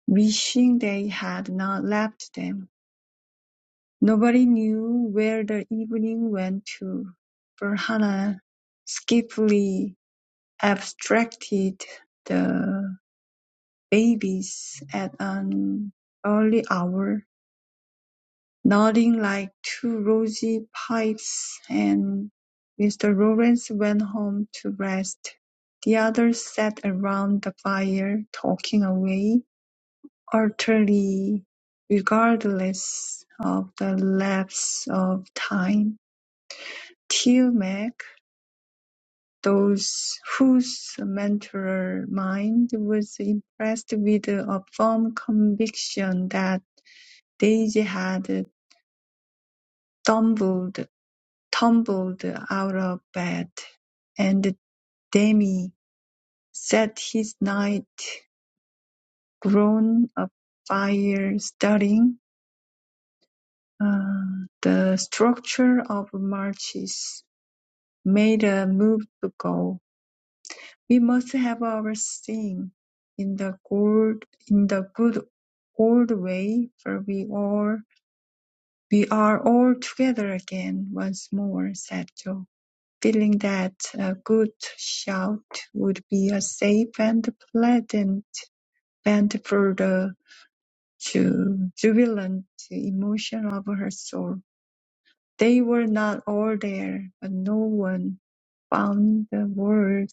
Speaker 1: wishing they had not left them. Nobody knew where the evening went to, for Hannah skillfully abstracted the babies at an early hour, nodding like two rosy pipes, and Mr. Lawrence went home to rest. The others sat around the fire, talking away, utterly regardless of the lapse of time. Telemaque, those whose mental mind was impressed with a firm conviction that Daisy had tumbled tumbled out of bed, and Demi set his night grown afire studying uh, the structure of marches, made a move to go. We must have our sting in the good in the good old way, for we all we are all together again once more, said Joe, feeling that a good shout would be a safe and pleasant vent for the ju- jubilant emotion of her soul. They were not all there, but no one found the word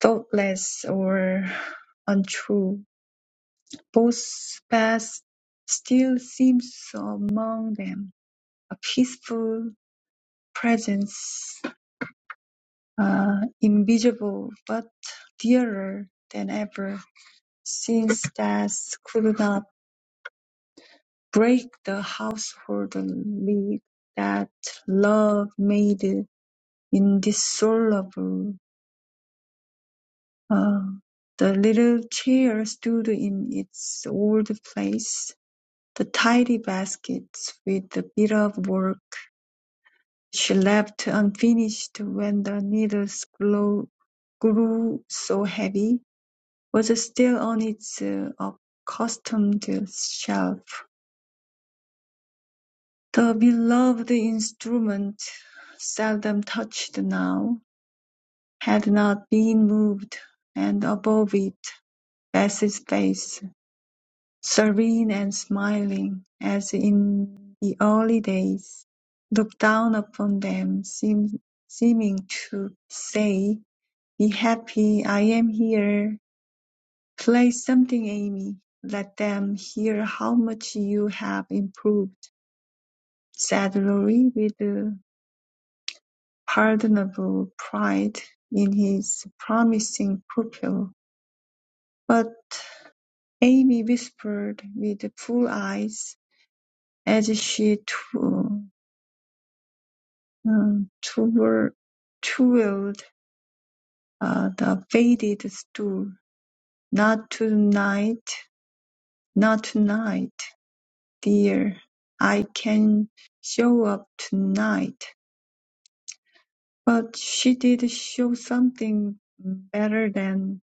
Speaker 1: thoughtless or untrue Both paths still seems among them, a peaceful presence, uh, invisible but dearer than ever, since death could not break the household league that love made indissoluble. Uh, the little chair stood in its old place, the tidy baskets with the bit of work She left unfinished when the needle's glow grew so heavy, was still on its uh, accustomed shelf. The beloved instrument, seldom touched now, had not been moved, and above it Bess's face, serene and smiling as in the early days, looked down upon them, seem- seeming to say Be happy I am here. Play something, Amy. Let them hear how much you have improved, said Laurie with pardonable pride in his promising pupil. But Amy whispered with full eyes as she tw- um, twir- twirled uh, the faded stool. Not tonight, not tonight. dear, I can show up tonight. But she did show something better than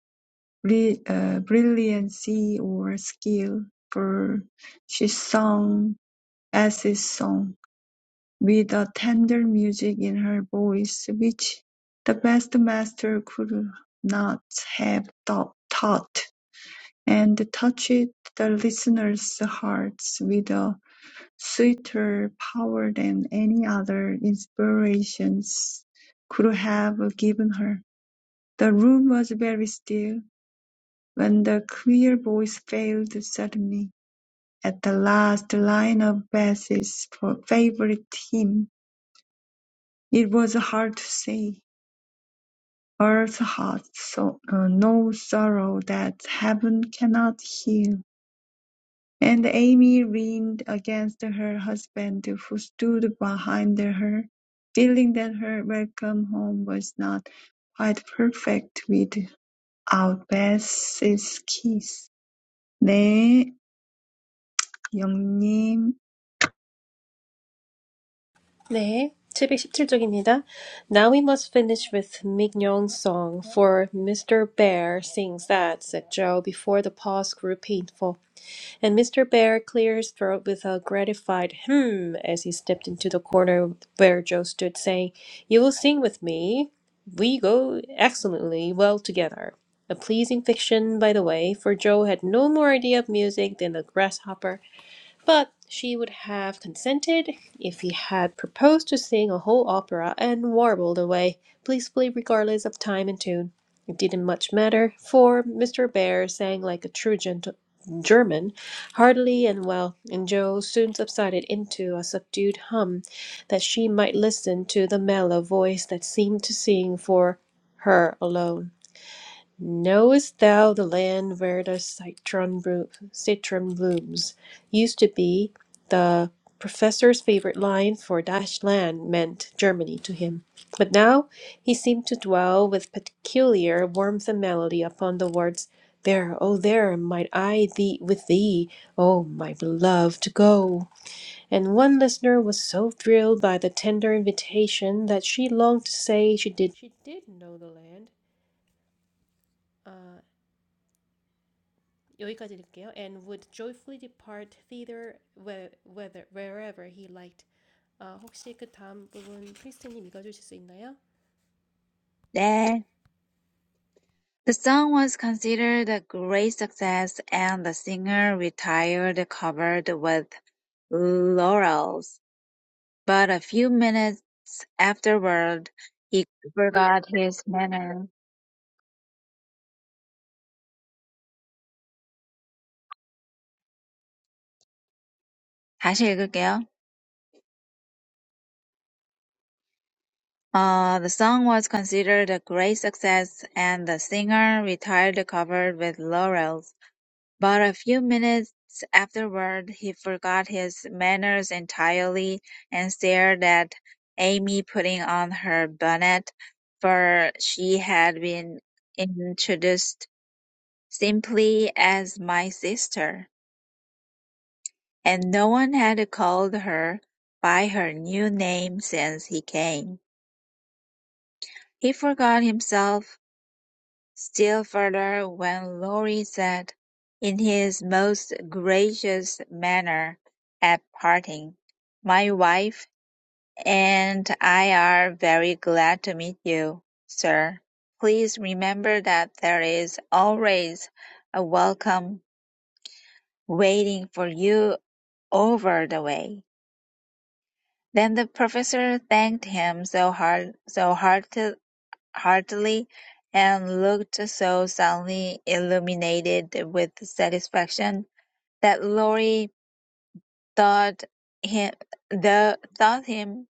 Speaker 1: bri- uh, brilliancy or skill, for she sang S's song with a tender music in her voice, which the best master could not have thou- taught, and touched the listeners' hearts with a sweeter power than any other inspirations could have given her. The room was very still when the clear voice failed suddenly at the last line of Bessie's fa- favorite hymn. It was hard to say. Earth hath so, uh, no sorrow that heaven cannot heal And Amy leaned against her husband, who stood behind her, feeling that her welcome home was not quite perfect without Beth's kiss. 네, 영님.
Speaker 2: 네, 칠백십칠 쪽입니다. Now we must finish with Mignon's song, for Mr. Bear sings that, said Joe, before the pause grew painful. And Mr. Bear cleared his throat with a gratified hmm as he stepped into the corner where Joe stood, saying, You will sing with me. We go excellently well together. A pleasing fiction, by the way, for Joe had no more idea of music than the grasshopper. But she would have consented if he had proposed to sing a whole opera and warbled away blissfully regardless of time and tune. It didn't much matter, for Mr. Bear sang like a true gent- German, heartily and well, and Joe soon subsided into a subdued hum that she might listen to the mellow voice that seemed to sing for her alone. Knowest thou the land where the citron, blo- citron blooms? Used to be the professor's favorite line for dash land meant Germany to him. But now he seemed to dwell with peculiar warmth and melody upon the words, There, oh there, might I thee with thee, oh my beloved, go. And one listener was so thrilled by the tender invitation that she longed to say she did, she did know the land uh, 여기까지 읽을게요. And would joyfully depart thither whe- whether, wherever he liked. 아, 혹시 그 다음 부분 크리스티님 읽어주실 수 있나요?
Speaker 3: 네. The song was considered a great success, and the singer retired covered with laurels, but a few minutes afterward he forgot his manner. 다시 읽을게요. Uh, the song was considered a great success, and the singer retired covered with laurels. But a few minutes afterward, he forgot his manners entirely and stared at Amy putting on her bonnet, for she had been introduced simply as my sister. and no one had called her by her new name since he came. He forgot himself still further when Laurie said, in his most gracious manner at parting, "My wife and I are very glad to meet you, sir. Please remember that there is always a welcome waiting for you over the way." Then the professor thanked him so heart so hearti- heartily, and looked so suddenly illuminated with satisfaction that Laurie thought him the thought him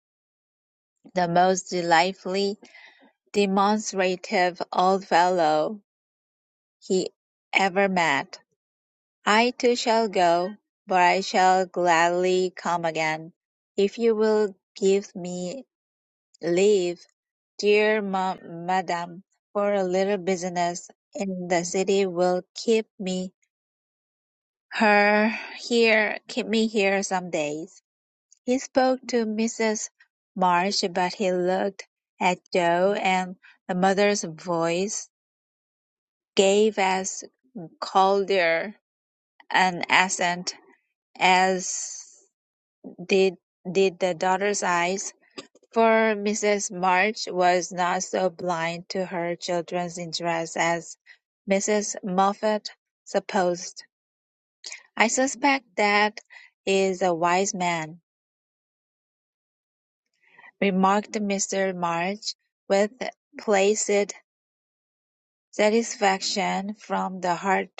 Speaker 3: the most delightfully demonstrative old fellow he ever met. I too shall go, but I shall gladly come again, if you will give me leave Dear ma- madam, for a little business in the city will keep me her here keep me here some days. He spoke to Mrs. March, but he looked at Joe, and the mother's voice gave as colder an accent as did did the daughter's eyes. For Mrs. March was not so blind to her children's interests as Mrs. Moffat supposed. "I suspect that is a wise man," remarked Mr. March, with placid satisfaction from the hard,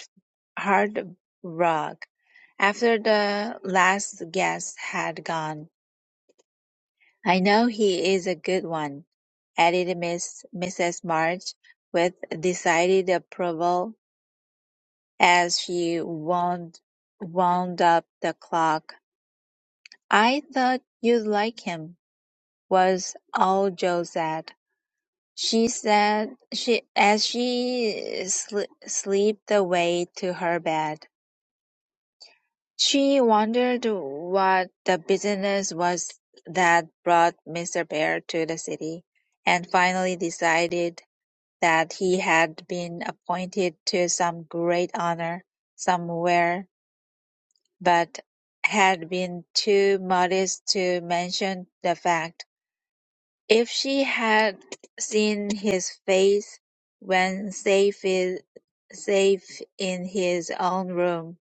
Speaker 3: hard rug, after the last guest had gone. "I know he is a good one," added Miss Mrs. March with decided approval as she wound wound up the clock. "I thought you'd like him," was all Jo said. She said she as she sli slipped away to her bed. She wondered what the business was that brought Mr. Bear to the city, and finally decided that he had been appointed to some great honour somewhere, but had been too modest to mention the fact. If she had seen his face when safe, i- safe in his own room,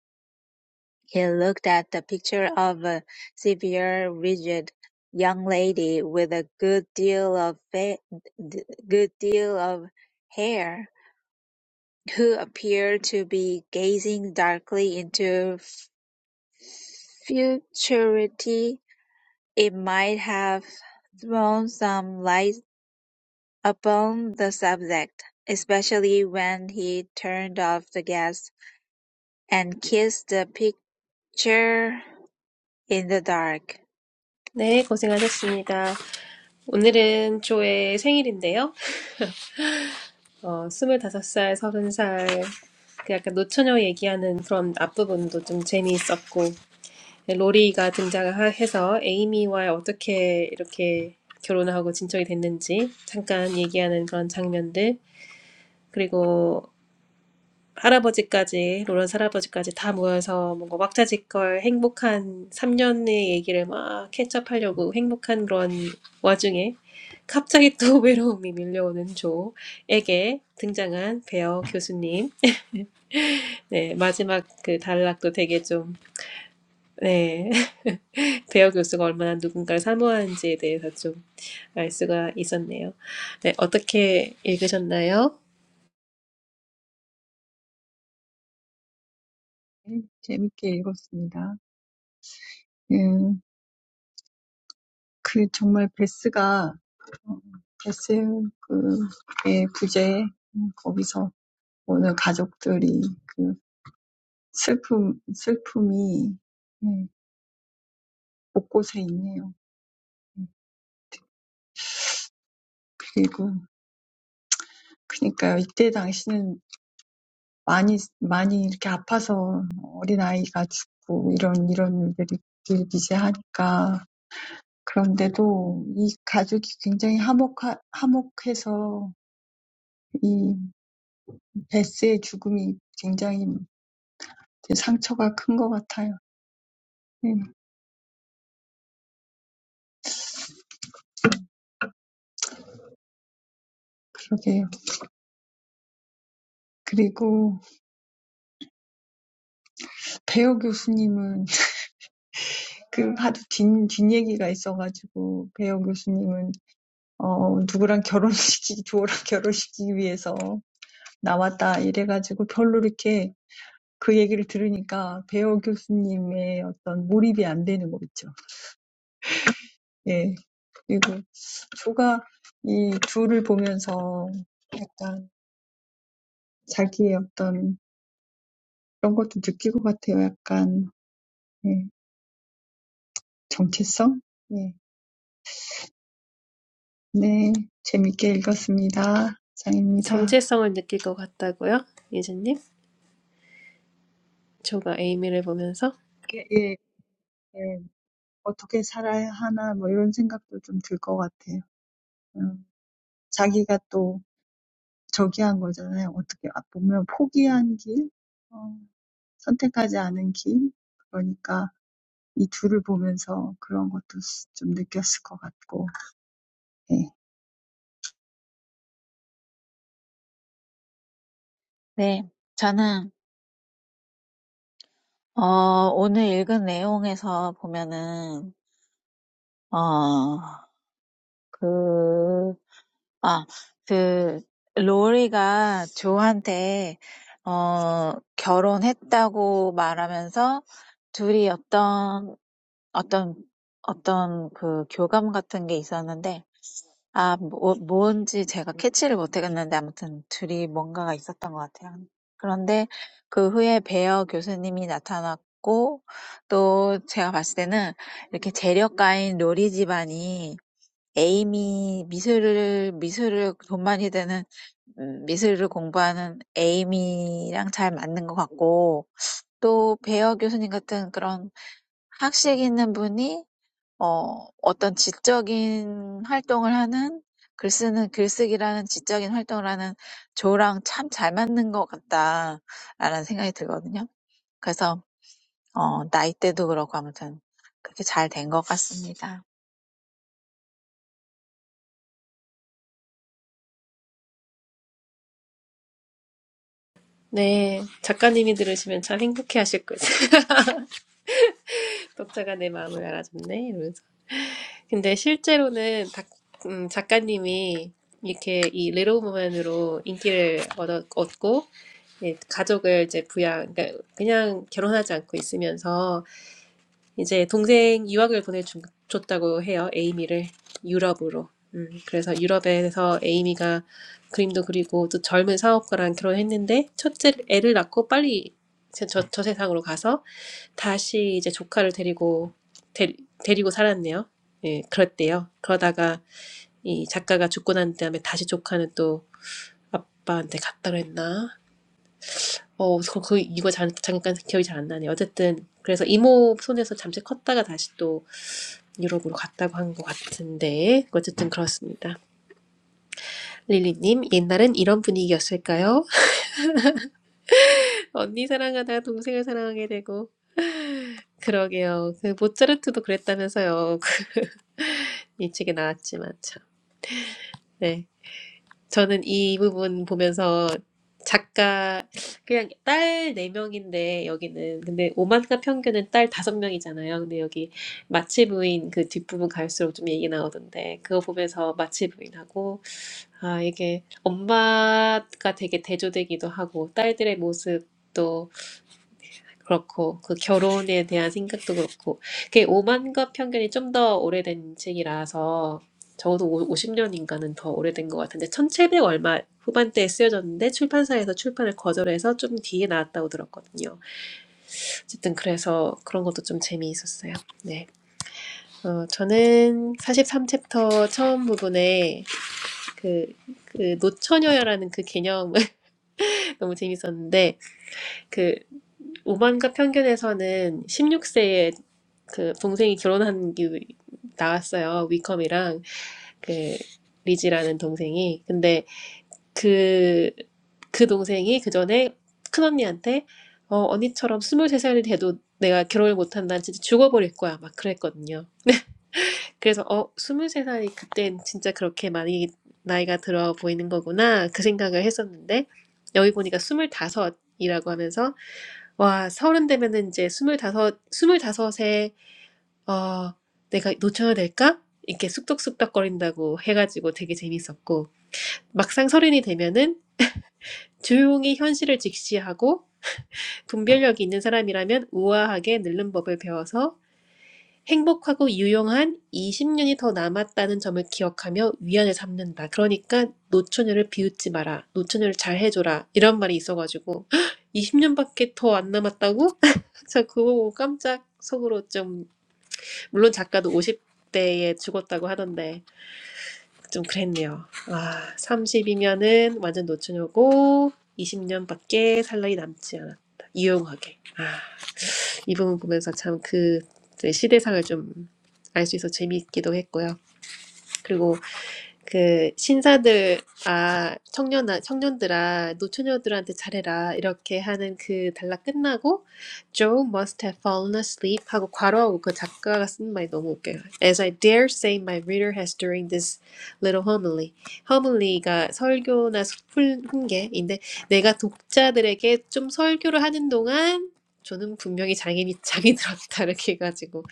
Speaker 3: he looked at the picture of a severe, rigid young lady with a good deal of fa- good deal of hair who appeared to be gazing darkly into futurity, it might have thrown some light upon the subject, especially when he turned off the gas and kissed the picture in the dark.
Speaker 2: 네, 고생하셨습니다. 오늘은 조의 생일인데요. 어, 스물다섯 살, 서른 살. 그 약간 노처녀 얘기하는 그런 앞부분도 좀 재미있었고, 네, 로리가 등장해서 에이미와 어떻게 이렇게 결혼하고 진척이 됐는지 잠깐 얘기하는 그런 장면들, 그리고 할아버지까지, 로런스 할아버지까지 다 모여서 뭔가 왁자지껄 행복한 삼 년의 얘기를 막 캐치업하려고 행복한 그런 와중에 갑자기 또 외로움이 밀려오는 조에게 등장한 베어 교수님. 네, 마지막 그 단락도 되게 좀, 네, 베어 교수가 얼마나 누군가를 사모하는지에 대해서 좀 알 수가 있었네요. 네, 어떻게 읽으셨나요?
Speaker 1: 네, 재밌게 읽었습니다. 음, 그 정말 베스가 어, 베스 그의 부재 음, 거기서 오늘 가족들이 그 슬픔 슬픔이 예, 곳곳에 있네요. 그리고 그러니까요. 이때 당시는 많이 많이 이렇게 아파서 어린아이가 죽고 이런 이런 일들이 이제 하니까 그런데도 이 가족이 굉장히 화목하, 화목해서 이 베스의 죽음이 굉장히 상처가 큰것 같아요. 네, 그러게요. 그리고 배우 교수님은 그 하도 뒷, 뒷얘기가 있어가지고 배우 교수님은 어, 누구랑 결혼시키기, 조랑 결혼시키기 위해서 나왔다. 이래가지고 별로 이렇게 그 얘기를 들으니까 배우 교수님의 어떤 몰입이 안 되는 거 있죠. 예. 그리고 조가 이 둘을 보면서 약간 자기의 어떤 그런 것도 느끼고 같아요. 약간, 예. 정체성? 예. 네. 재밌게 읽었습니다. 장입니다.
Speaker 2: 정체성을 느낄 것 같다고요? 예진님? 조가 에이미를 보면서?
Speaker 1: 예, 예, 예. 어떻게 살아야 하나, 뭐 이런 생각도 좀들것 같아요. 어, 자기가 또 저기 한 거잖아요. 어떻게 아, 보면 포기한 길, 어, 선택하지 않은 길. 그러니까 이 둘을 보면서 그런 것도 스- 좀 느꼈을 것 같고.
Speaker 3: 네, 저는 어, 오늘 읽은 내용에서 보면은 어, 그 아, 그, 로리가 조한테, 어, 결혼했다고 말하면서 둘이 어떤, 어떤, 어떤 그 교감 같은 게 있었는데, 아, 뭐, 뭔지 제가 캐치를 못하겠는데, 아무튼 둘이 뭔가가 있었던 것 같아요. 그런데 그 후에 베어 교수님이 나타났고, 또 제가 봤을 때는 이렇게 재력가인 로리 집안이 에이미 미술을 미술을 돈 많이 드는 음, 미술을 공부하는 에이미랑 잘 맞는 것 같고 또 배어 교수님 같은 그런 학식 있는 분이 어 어떤 지적인 활동을 하는 글 쓰는 글쓰기라는 지적인 활동을 하는 조랑 참 잘 맞는 것 같다라는 생각이 들거든요. 그래서 어 나이대도 그렇고 아무튼 그렇게 잘된것 같습니다.
Speaker 2: 네. 작가님이 들으시면 참 행복해하실 거예요. 독자가 내 마음을 알아줬네. 이러면서. 근데 실제로는 다, 음, 작가님이 이렇게 이 릴로 우먼으로 인기를 얻어, 얻고 예, 가족을 이제 부양, 그러니까 그냥 결혼하지 않고 있으면서 이제 동생 유학을 보내줬다고 해요. 에이미를 유럽으로. 음, 그래서 유럽에서 에이미가 그림도 그리고 또 젊은 사업가랑 결혼했는데 첫째 애를 낳고 빨리 저, 저, 저 세상으로 가서 다시 이제 조카를 데리고 데, 데리고 살았네요. 예, 그랬대요. 그러다가 이 작가가 죽고 난 다음에 다시 조카는 또 아빠한테 갔다 그랬나? 어, 그, 그 이거 잠, 잠깐 기억이 잘 안 나네. 어쨌든 그래서 이모 손에서 잠시 컸다가 다시 또 유럽으로 갔다고 한 것 같은데 어쨌든 그렇습니다. 릴리님 옛날엔 이런 분위기였을까요? 언니 사랑하다가 동생을 사랑하게 되고 그러게요. 그 모차르트도 그랬다면서요. 이 책에 나왔지만 참. 네, 저는 이 부분 보면서 작가 그냥 딸 네 명인데 여기는 근데 오만과 평균은 딸 다섯 명이잖아요. 근데 여기 마치 부인 그 뒷부분 갈수록 좀 얘기 나오던데 그거 보면서 마치 부인하고 아, 이게 엄마가 되게 대조되기도 하고, 딸들의 모습도 그렇고, 그 결혼에 대한 생각도 그렇고, 그게 오만과 편견이 좀 더 오래된 책이라서, 적어도 오- 오십 년인가는 더 오래된 것 같은데, 천칠백 얼마 후반대에 쓰여졌는데, 출판사에서 출판을 거절해서 좀 뒤에 나왔다고 들었거든요. 어쨌든 그래서 그런 것도 좀 재미있었어요. 네. 어, 저는 사십삼 챕터 처음 부분에 그, 그 노처녀라는 그 개념, 너무 재밌었는데 그 오만과 편견에서는 16세에 그 동생이 결혼한 게 나왔어요. 위컴이랑 그 리지라는 동생이. 근데 그, 그 동생이 그 전에 큰언니한테 어, 언니처럼 23살이 돼도 내가 결혼을 못한다. 진짜 죽어버릴 거야. 막 그랬거든요. 그래서 어, 23살이 그땐 진짜 그렇게 많이 나이가 들어 보이는 거구나. 그 생각을 했었는데 여기 보니까 25이라고 하면서 와, 서른 되면은 이제 스물다섯, 스물다섯에, 어, 내가 놓쳐야 될까? 이렇게 쑥덕쑥덕거린다고 해가지고 되게 재밌었고, 막상 서른이 되면은 조용히 현실을 직시하고, 분별력이 있는 사람이라면 우아하게 늙는 법을 배워서 행복하고 유용한 20년이 더 남았다는 점을 기억하며 위안을 삼는다. 그러니까 노처녀를 비웃지 마라. 노처녀를 잘 해줘라. 이런 말이 있어가지고 20년밖에 더 안 남았다고? 저 그거 보고 깜짝 속으로 좀 물론 작가도 50대에 죽었다고 하던데 좀 그랬네요. 아 30이면은 완전 노처녀고 20년밖에 살 날이 남지 않았다. 유용하게. 아. 이 부분 보면서 참 그 시대상을 좀 알 수 있어서 재미있기도 했고요. 그리고 그 신사들 아 청년 청년들아 노처녀들한테 잘해라 이렇게 하는 그 단락 끝나고 Joe must have fallen asleep 하고 괄호하고 그 작가가 쓴 말이 너무 웃겨요. As I dare say my reader has during this little homily. homily가 설교나 훈- 훈계인데 내가 독자들에게 좀 설교를 하는 동안 저는 분명히 장인이 장이 들었다 이렇게 해가지고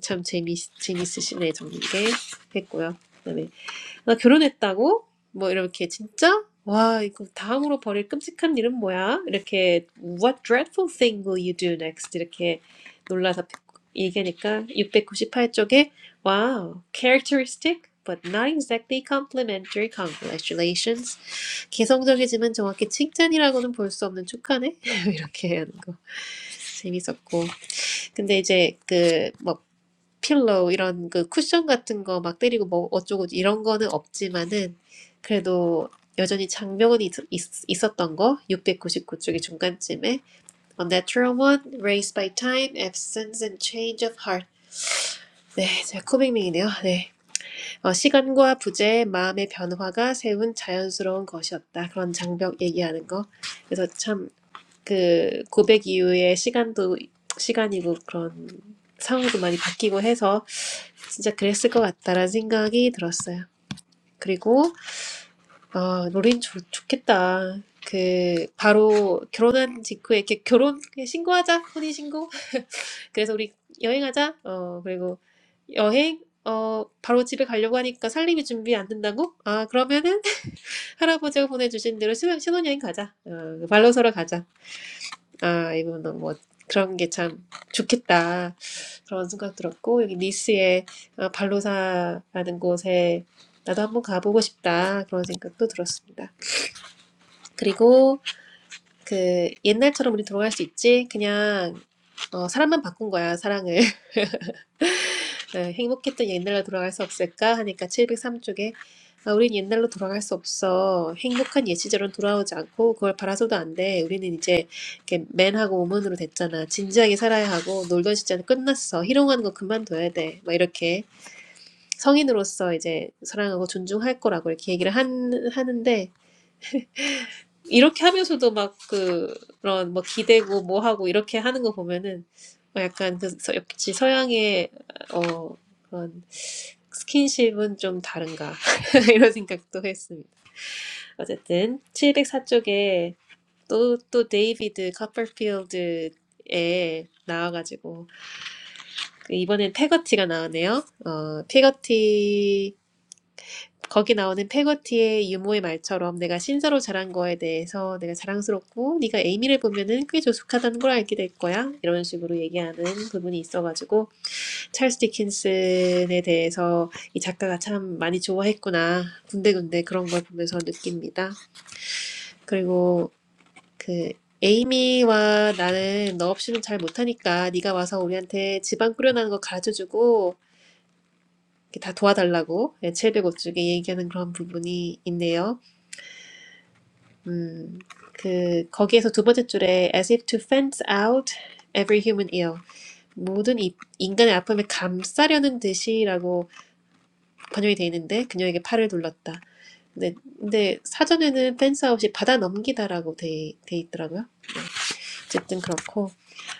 Speaker 2: 참 재미 재밌으시네 정리게 했고요. 네, 네. 나 결혼했다고? 뭐 이렇게 진짜? 와, 이거 다음으로 벌일 끔찍한 일은 뭐야? 이렇게 What dreadful thing will you do next? 이렇게 놀라서 얘기하니까 육백구십팔 쪽에 Wow, characteristic but not exactly complimentary congratulations. 개성적이지만 정확히 칭찬이라고는 볼 수 없는 축하네. 이렇게 하는 거 재밌었고. 근데 이제 그뭐 필로우 이런 그 쿠션 같은 거 막 때리고 뭐 어쩌고 이런 거는 없지만은 그래도 여전히 장벽은 있, 있, 있었던 거 육백구십구 쪽의 중간쯤에 On that true one, raised by time, absence and change of heart 네, 제가 코빅밍이네요. 네. 어, 시간과 부재, 마음의 변화가 세운 자연스러운 것이었다. 그런 장벽 얘기하는 거. 그래서 참 그 고백 이후에 시간도 시간이고 그런 상황도 많이 바뀌고 해서 진짜 그랬을 것 같다라는 생각이 들었어요. 그리고 어 노린 좋, 좋겠다. 그 바로 결혼한 직후에 이렇게 결혼 그냥 신고하자 혼인 신고. 그래서 우리 여행하자. 어 그리고 여행 어 바로 집에 가려고 하니까 살림이 준비 안 된다고? 아 그러면은 할아버지가 보내주신 대로 신혼, 신혼여행 가자. 어, 발로서로 가자. 아, 이분은 뭐 그런 게 참 좋겠다. 그런 생각 들었고, 여기 니스의 어, 발로사라는 곳에 나도 한번 가보고 싶다. 그런 생각도 들었습니다. 그리고 그 옛날처럼 우리 돌아갈 수 있지? 그냥 어, 사람만 바꾼 거야, 사랑을. 네, 행복했던 옛날로 돌아갈 수 없을까? 하니까 칠백삼 쪽에, 아, 우린 옛날로 돌아갈 수 없어. 행복한 옛 시절은 돌아오지 않고 그걸 바라서도 안 돼. 우리는 이제 이렇게 맨하고 우먼으로 됐잖아. 진지하게 살아야 하고 놀던 시절은 끝났어. 희롱하는 거 그만둬야 돼. 막 이렇게 성인으로서 이제 사랑하고 존중할 거라고 이렇게 얘기를 한, 하는데 이렇게 하면서도 막 그- 그런 뭐 기대고 뭐 하고 이렇게 하는 거 보면은 뭐 약간 그 서- 역시 서양의 어 그런 스킨십은 좀 다른가 이런 생각도 했습니다. 어쨌든 칠백사 쪽에 또, 또 데이비드 커퍼필드에 나와가지고 그 이번엔 페거티가 나오네요. 어, 페거티 거기 나오는 페거티의 유모의 말처럼 내가 신사로 자란 거에 대해서 내가 자랑스럽고 네가 에이미를 보면은 꽤 조숙하다는 걸 알게 될 거야. 이런 식으로 얘기하는 부분이 있어가지고 찰스 디킨슨에 대해서 이 작가가 참 많이 좋아했구나. 군데군데 그런 걸 보면서 느낍니다. 그리고 그 에이미와 나는 너 없이는 잘 못하니까 네가 와서 우리한테 집안 꾸려나는 거 가르쳐주고 이렇게 다 도와달라고 700억 쪽에 얘기하는 그런 부분이 있네요. 음, 그 거기에서 두 번째 줄에 as if to fence out every human ill 모든 이, 인간의 아픔을 감싸려는 듯이라고 번역이 돼 있는데 그녀에게 팔을 둘렀다. 근데, 근데 사전에는 fence out이 받아 넘기다라고 돼, 돼 있더라고요. 네, 어쨌든 그렇고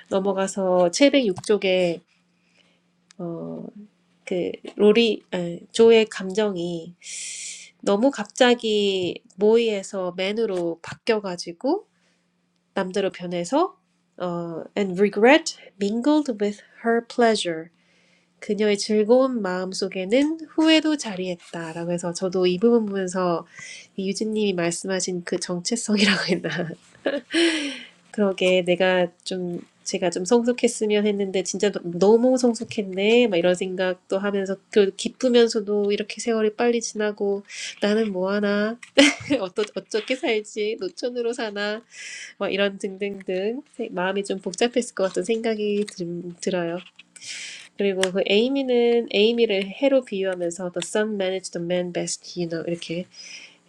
Speaker 2: 넘어가서 706쪽에 어, 그 로리 아니, 조의 감정이 너무 갑자기 모이에서 맨으로 바뀌어가지고 남대로 변해서 어, and regret mingled with her pleasure. 그녀의 즐거운 마음 속에는 후회도 자리했다라고 해서 저도 이 부분 보면서 유진님이 말씀하신 그 정체성이라고 했나 그러게 내가 좀 제가 좀 성숙했으면 했는데 진짜 너무 성숙했네 막 이런 생각도 하면서 그 기쁘면서도 이렇게 세월이 빨리 지나고 나는 뭐하나 하나 어떠 살지 노천으로 사나 뭐 이런 등등등 마음이 좀 복잡했을 것 같은 생각이 들, 들어요. 그리고 그 에이미는 에이미를 해로 비유하면서 The sun managed the man best, you know 이렇게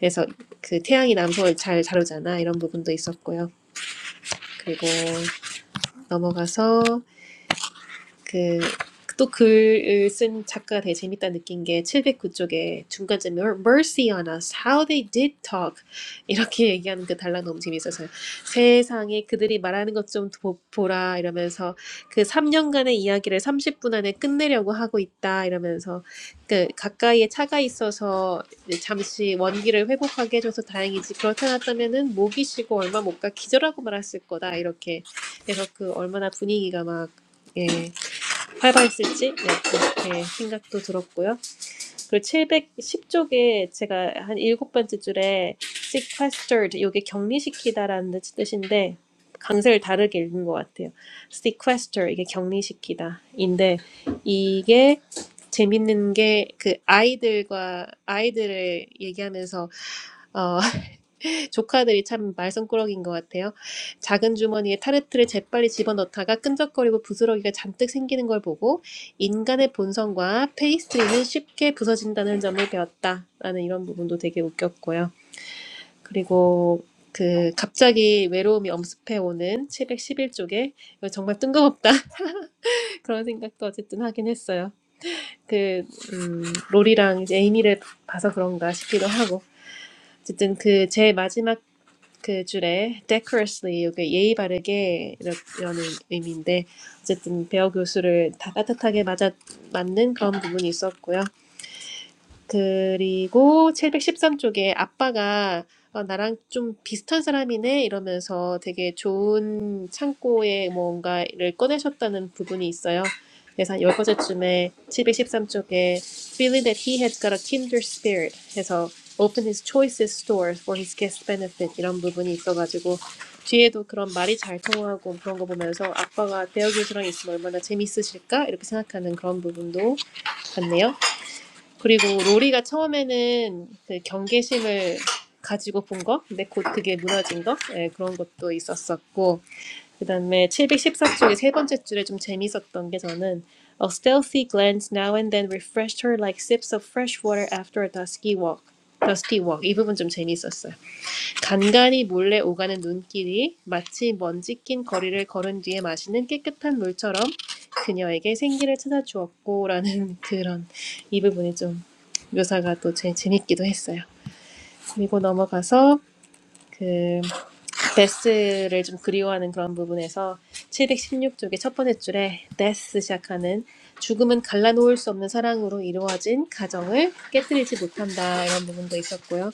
Speaker 2: 해서 그 태양이 남성을 잘 다루잖아 이런 부분도 있었고요. 그리고 넘어가서 그 또 글을 쓴 작가가 되게 재밌다 느낀 게 칠백구 쪽에 중간쯤에 Mercy on us, how they did talk 이렇게 얘기하는 그 단락 너무 재밌어서요. 세상에 그들이 말하는 것 좀 보라 이러면서 그 3년간의 이야기를 30분 안에 끝내려고 하고 있다 이러면서 그 가까이에 차가 있어서 잠시 원기를 회복하게 해줘서 다행이지 그렇지 않았다면은 목이 쉬고 얼마 못 가 기절하고 말았을 거다 이렇게 그래서 그 얼마나 분위기가 막 예. 활발했을지 네, 그렇게 생각도 들었고요. 그리고 710쪽에 제가 한 일곱 번째 줄에 sequestered 이게 격리시키다라는 뜻인데 강세를 다르게 읽은 것 같아요. sequester 이게 격리시키다인데 이게 재밌는 게 그 아이들과 아이들을 얘기하면서 어, 조카들이 참 말썽꾸러기인 것 같아요. 작은 주머니에 타르트를 재빨리 집어넣다가 끈적거리고 부스러기가 잔뜩 생기는 걸 보고 인간의 본성과 페이스트리는 쉽게 부서진다는 점을 배웠다라는 이런 부분도 되게 웃겼고요. 그리고 그 갑자기 외로움이 엄습해오는 오는 쪽에 이거 정말 뜬금없다 그런 생각도 어쨌든 하긴 했어요. 그 음, 롤이랑 이제 에이미를 봐서 그런가 싶기도 하고 어쨌든 그 제 마지막 그 줄에 decorously 이게 예의 바르게 이라는 의미인데 어쨌든 배어 교수를 다 따뜻하게 맞아 맞는 그런 부분이 있었고요. 그리고 칠백십삼 쪽에 아빠가 어, 나랑 좀 비슷한 사람이네 이러면서 되게 좋은 창고에 뭔가를 꺼내셨다는 부분이 있어요. 그래서 한 10번째쯤에 쪽에 Feeling that he had got a kinder spirit 해서 Open his choicest stores for his guest benefit 이런 부분이 있어가지고 뒤에도 그런 말이 잘 통하고 그런 거 보면서 아빠가 대어 교수랑 있으면 얼마나 재밌으실까 이렇게 생각하는 그런 부분도 같네요. 그리고 로리가 처음에는 그 경계심을 가지고 본 거, 근데 곧 그게 무너진 거, 예, 그런 것도 있었었고, 그 다음에 칠백십사 쪽의 세 번째 줄에 좀 재밌었던 게 저는 A stealthy glance now and then refreshed her like sips of fresh water after a dusky walk. dusty walk. 이 부분 좀 재밌었어요. 간간이 몰래 오가는 눈길이 마치 먼지 낀 거리를 걸은 뒤에 마시는 깨끗한 물처럼 그녀에게 생기를 찾아주었고라는 그런 이 부분이 좀 묘사가 또 제, 재밌기도 했어요. 그리고 넘어가서 그 데스를 좀 그리워하는 그런 부분에서 716쪽의 첫 번째 줄에 데스 시작하는 죽음은 갈라놓을 수 없는 사랑으로 이루어진 가정을 깨뜨리지 못한다 이런 부분도 있었고요.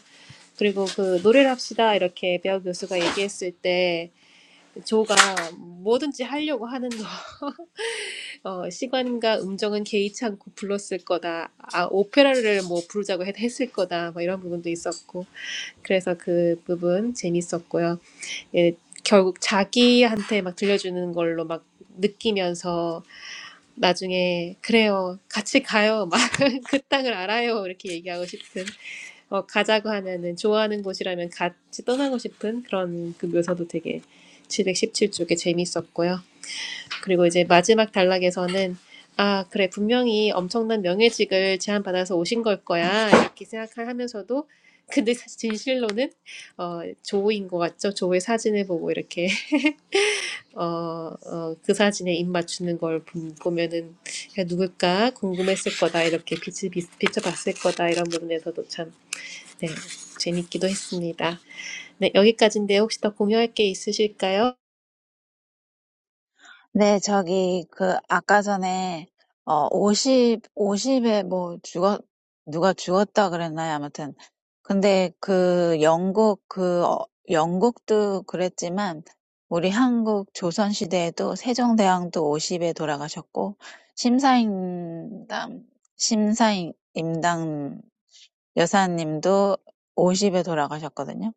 Speaker 2: 그리고 그 노래를 합시다 이렇게 배우 교수가 얘기했을 때 조가 뭐든지 하려고 하는 거 어, 시간과 음정은 개의치 않고 불렀을 거다 아 오페라를 뭐 부르자고 했, 했을 거다 뭐 이런 부분도 있었고 그래서 그 부분 재밌었고요 예, 결국 자기한테 막 들려주는 걸로 막 느끼면서 나중에 그래요 같이 가요 막 그 땅을 알아요 이렇게 얘기하고 싶은 어, 가자고 하면은 좋아하는 곳이라면 같이 떠나고 싶은 그런 그 묘사도 되게 칠백십칠 쪽에 재밌었고요. 그리고 이제 마지막 단락에서는 아, 그래, 분명히 엄청난 명예직을 제안받아서 오신 걸 거야. 이렇게 생각하면서도 근데 사실 진실로는 어, 조인 것 같죠? 조의 사진을 보고 이렇게 어, 어, 그 사진에 입 맞추는 걸 보- 보면은 야, 누굴까 궁금했을 거다 이렇게 빛을 비, 비춰봤을 거다 이런 부분에서도 참 네, 재밌기도 했습니다. 네, 여기까지인데 혹시 더 공유할 게 있으실까요?
Speaker 3: 네, 저기, 그, 아까 전에, 어, 50, 50에 뭐, 죽었, 누가 죽었다 그랬나요? 아무튼. 근데 그, 영국, 그, 어, 영국도 그랬지만, 우리 한국 조선시대에도 세종대왕도 50에 돌아가셨고, 심사임당, 심사임당 여사님도 50에 돌아가셨거든요.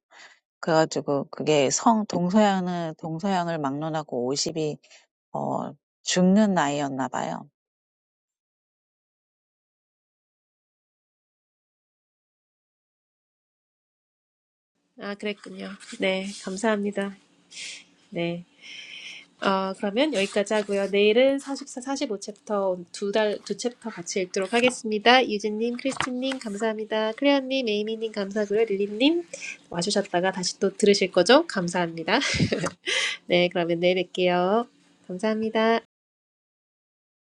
Speaker 3: 그래가지고, 그게 성, 동서양을, 동서양을 막론하고 50이 어, 죽는 아이였나 봐요.
Speaker 2: 아, 그랬군요. 네, 감사합니다. 네. 어, 그러면 여기까지 하고요. 내일은 44, 45 챕터 두 달, 두 챕터 같이 읽도록 하겠습니다. 유진님, 크리스틴님, 감사합니다. 클레어님, 에이미님, 감사하고요. 릴리님, 와주셨다가 다시 또 들으실 거죠? 감사합니다. 네, 그러면 내일 뵐게요. 감사합니다.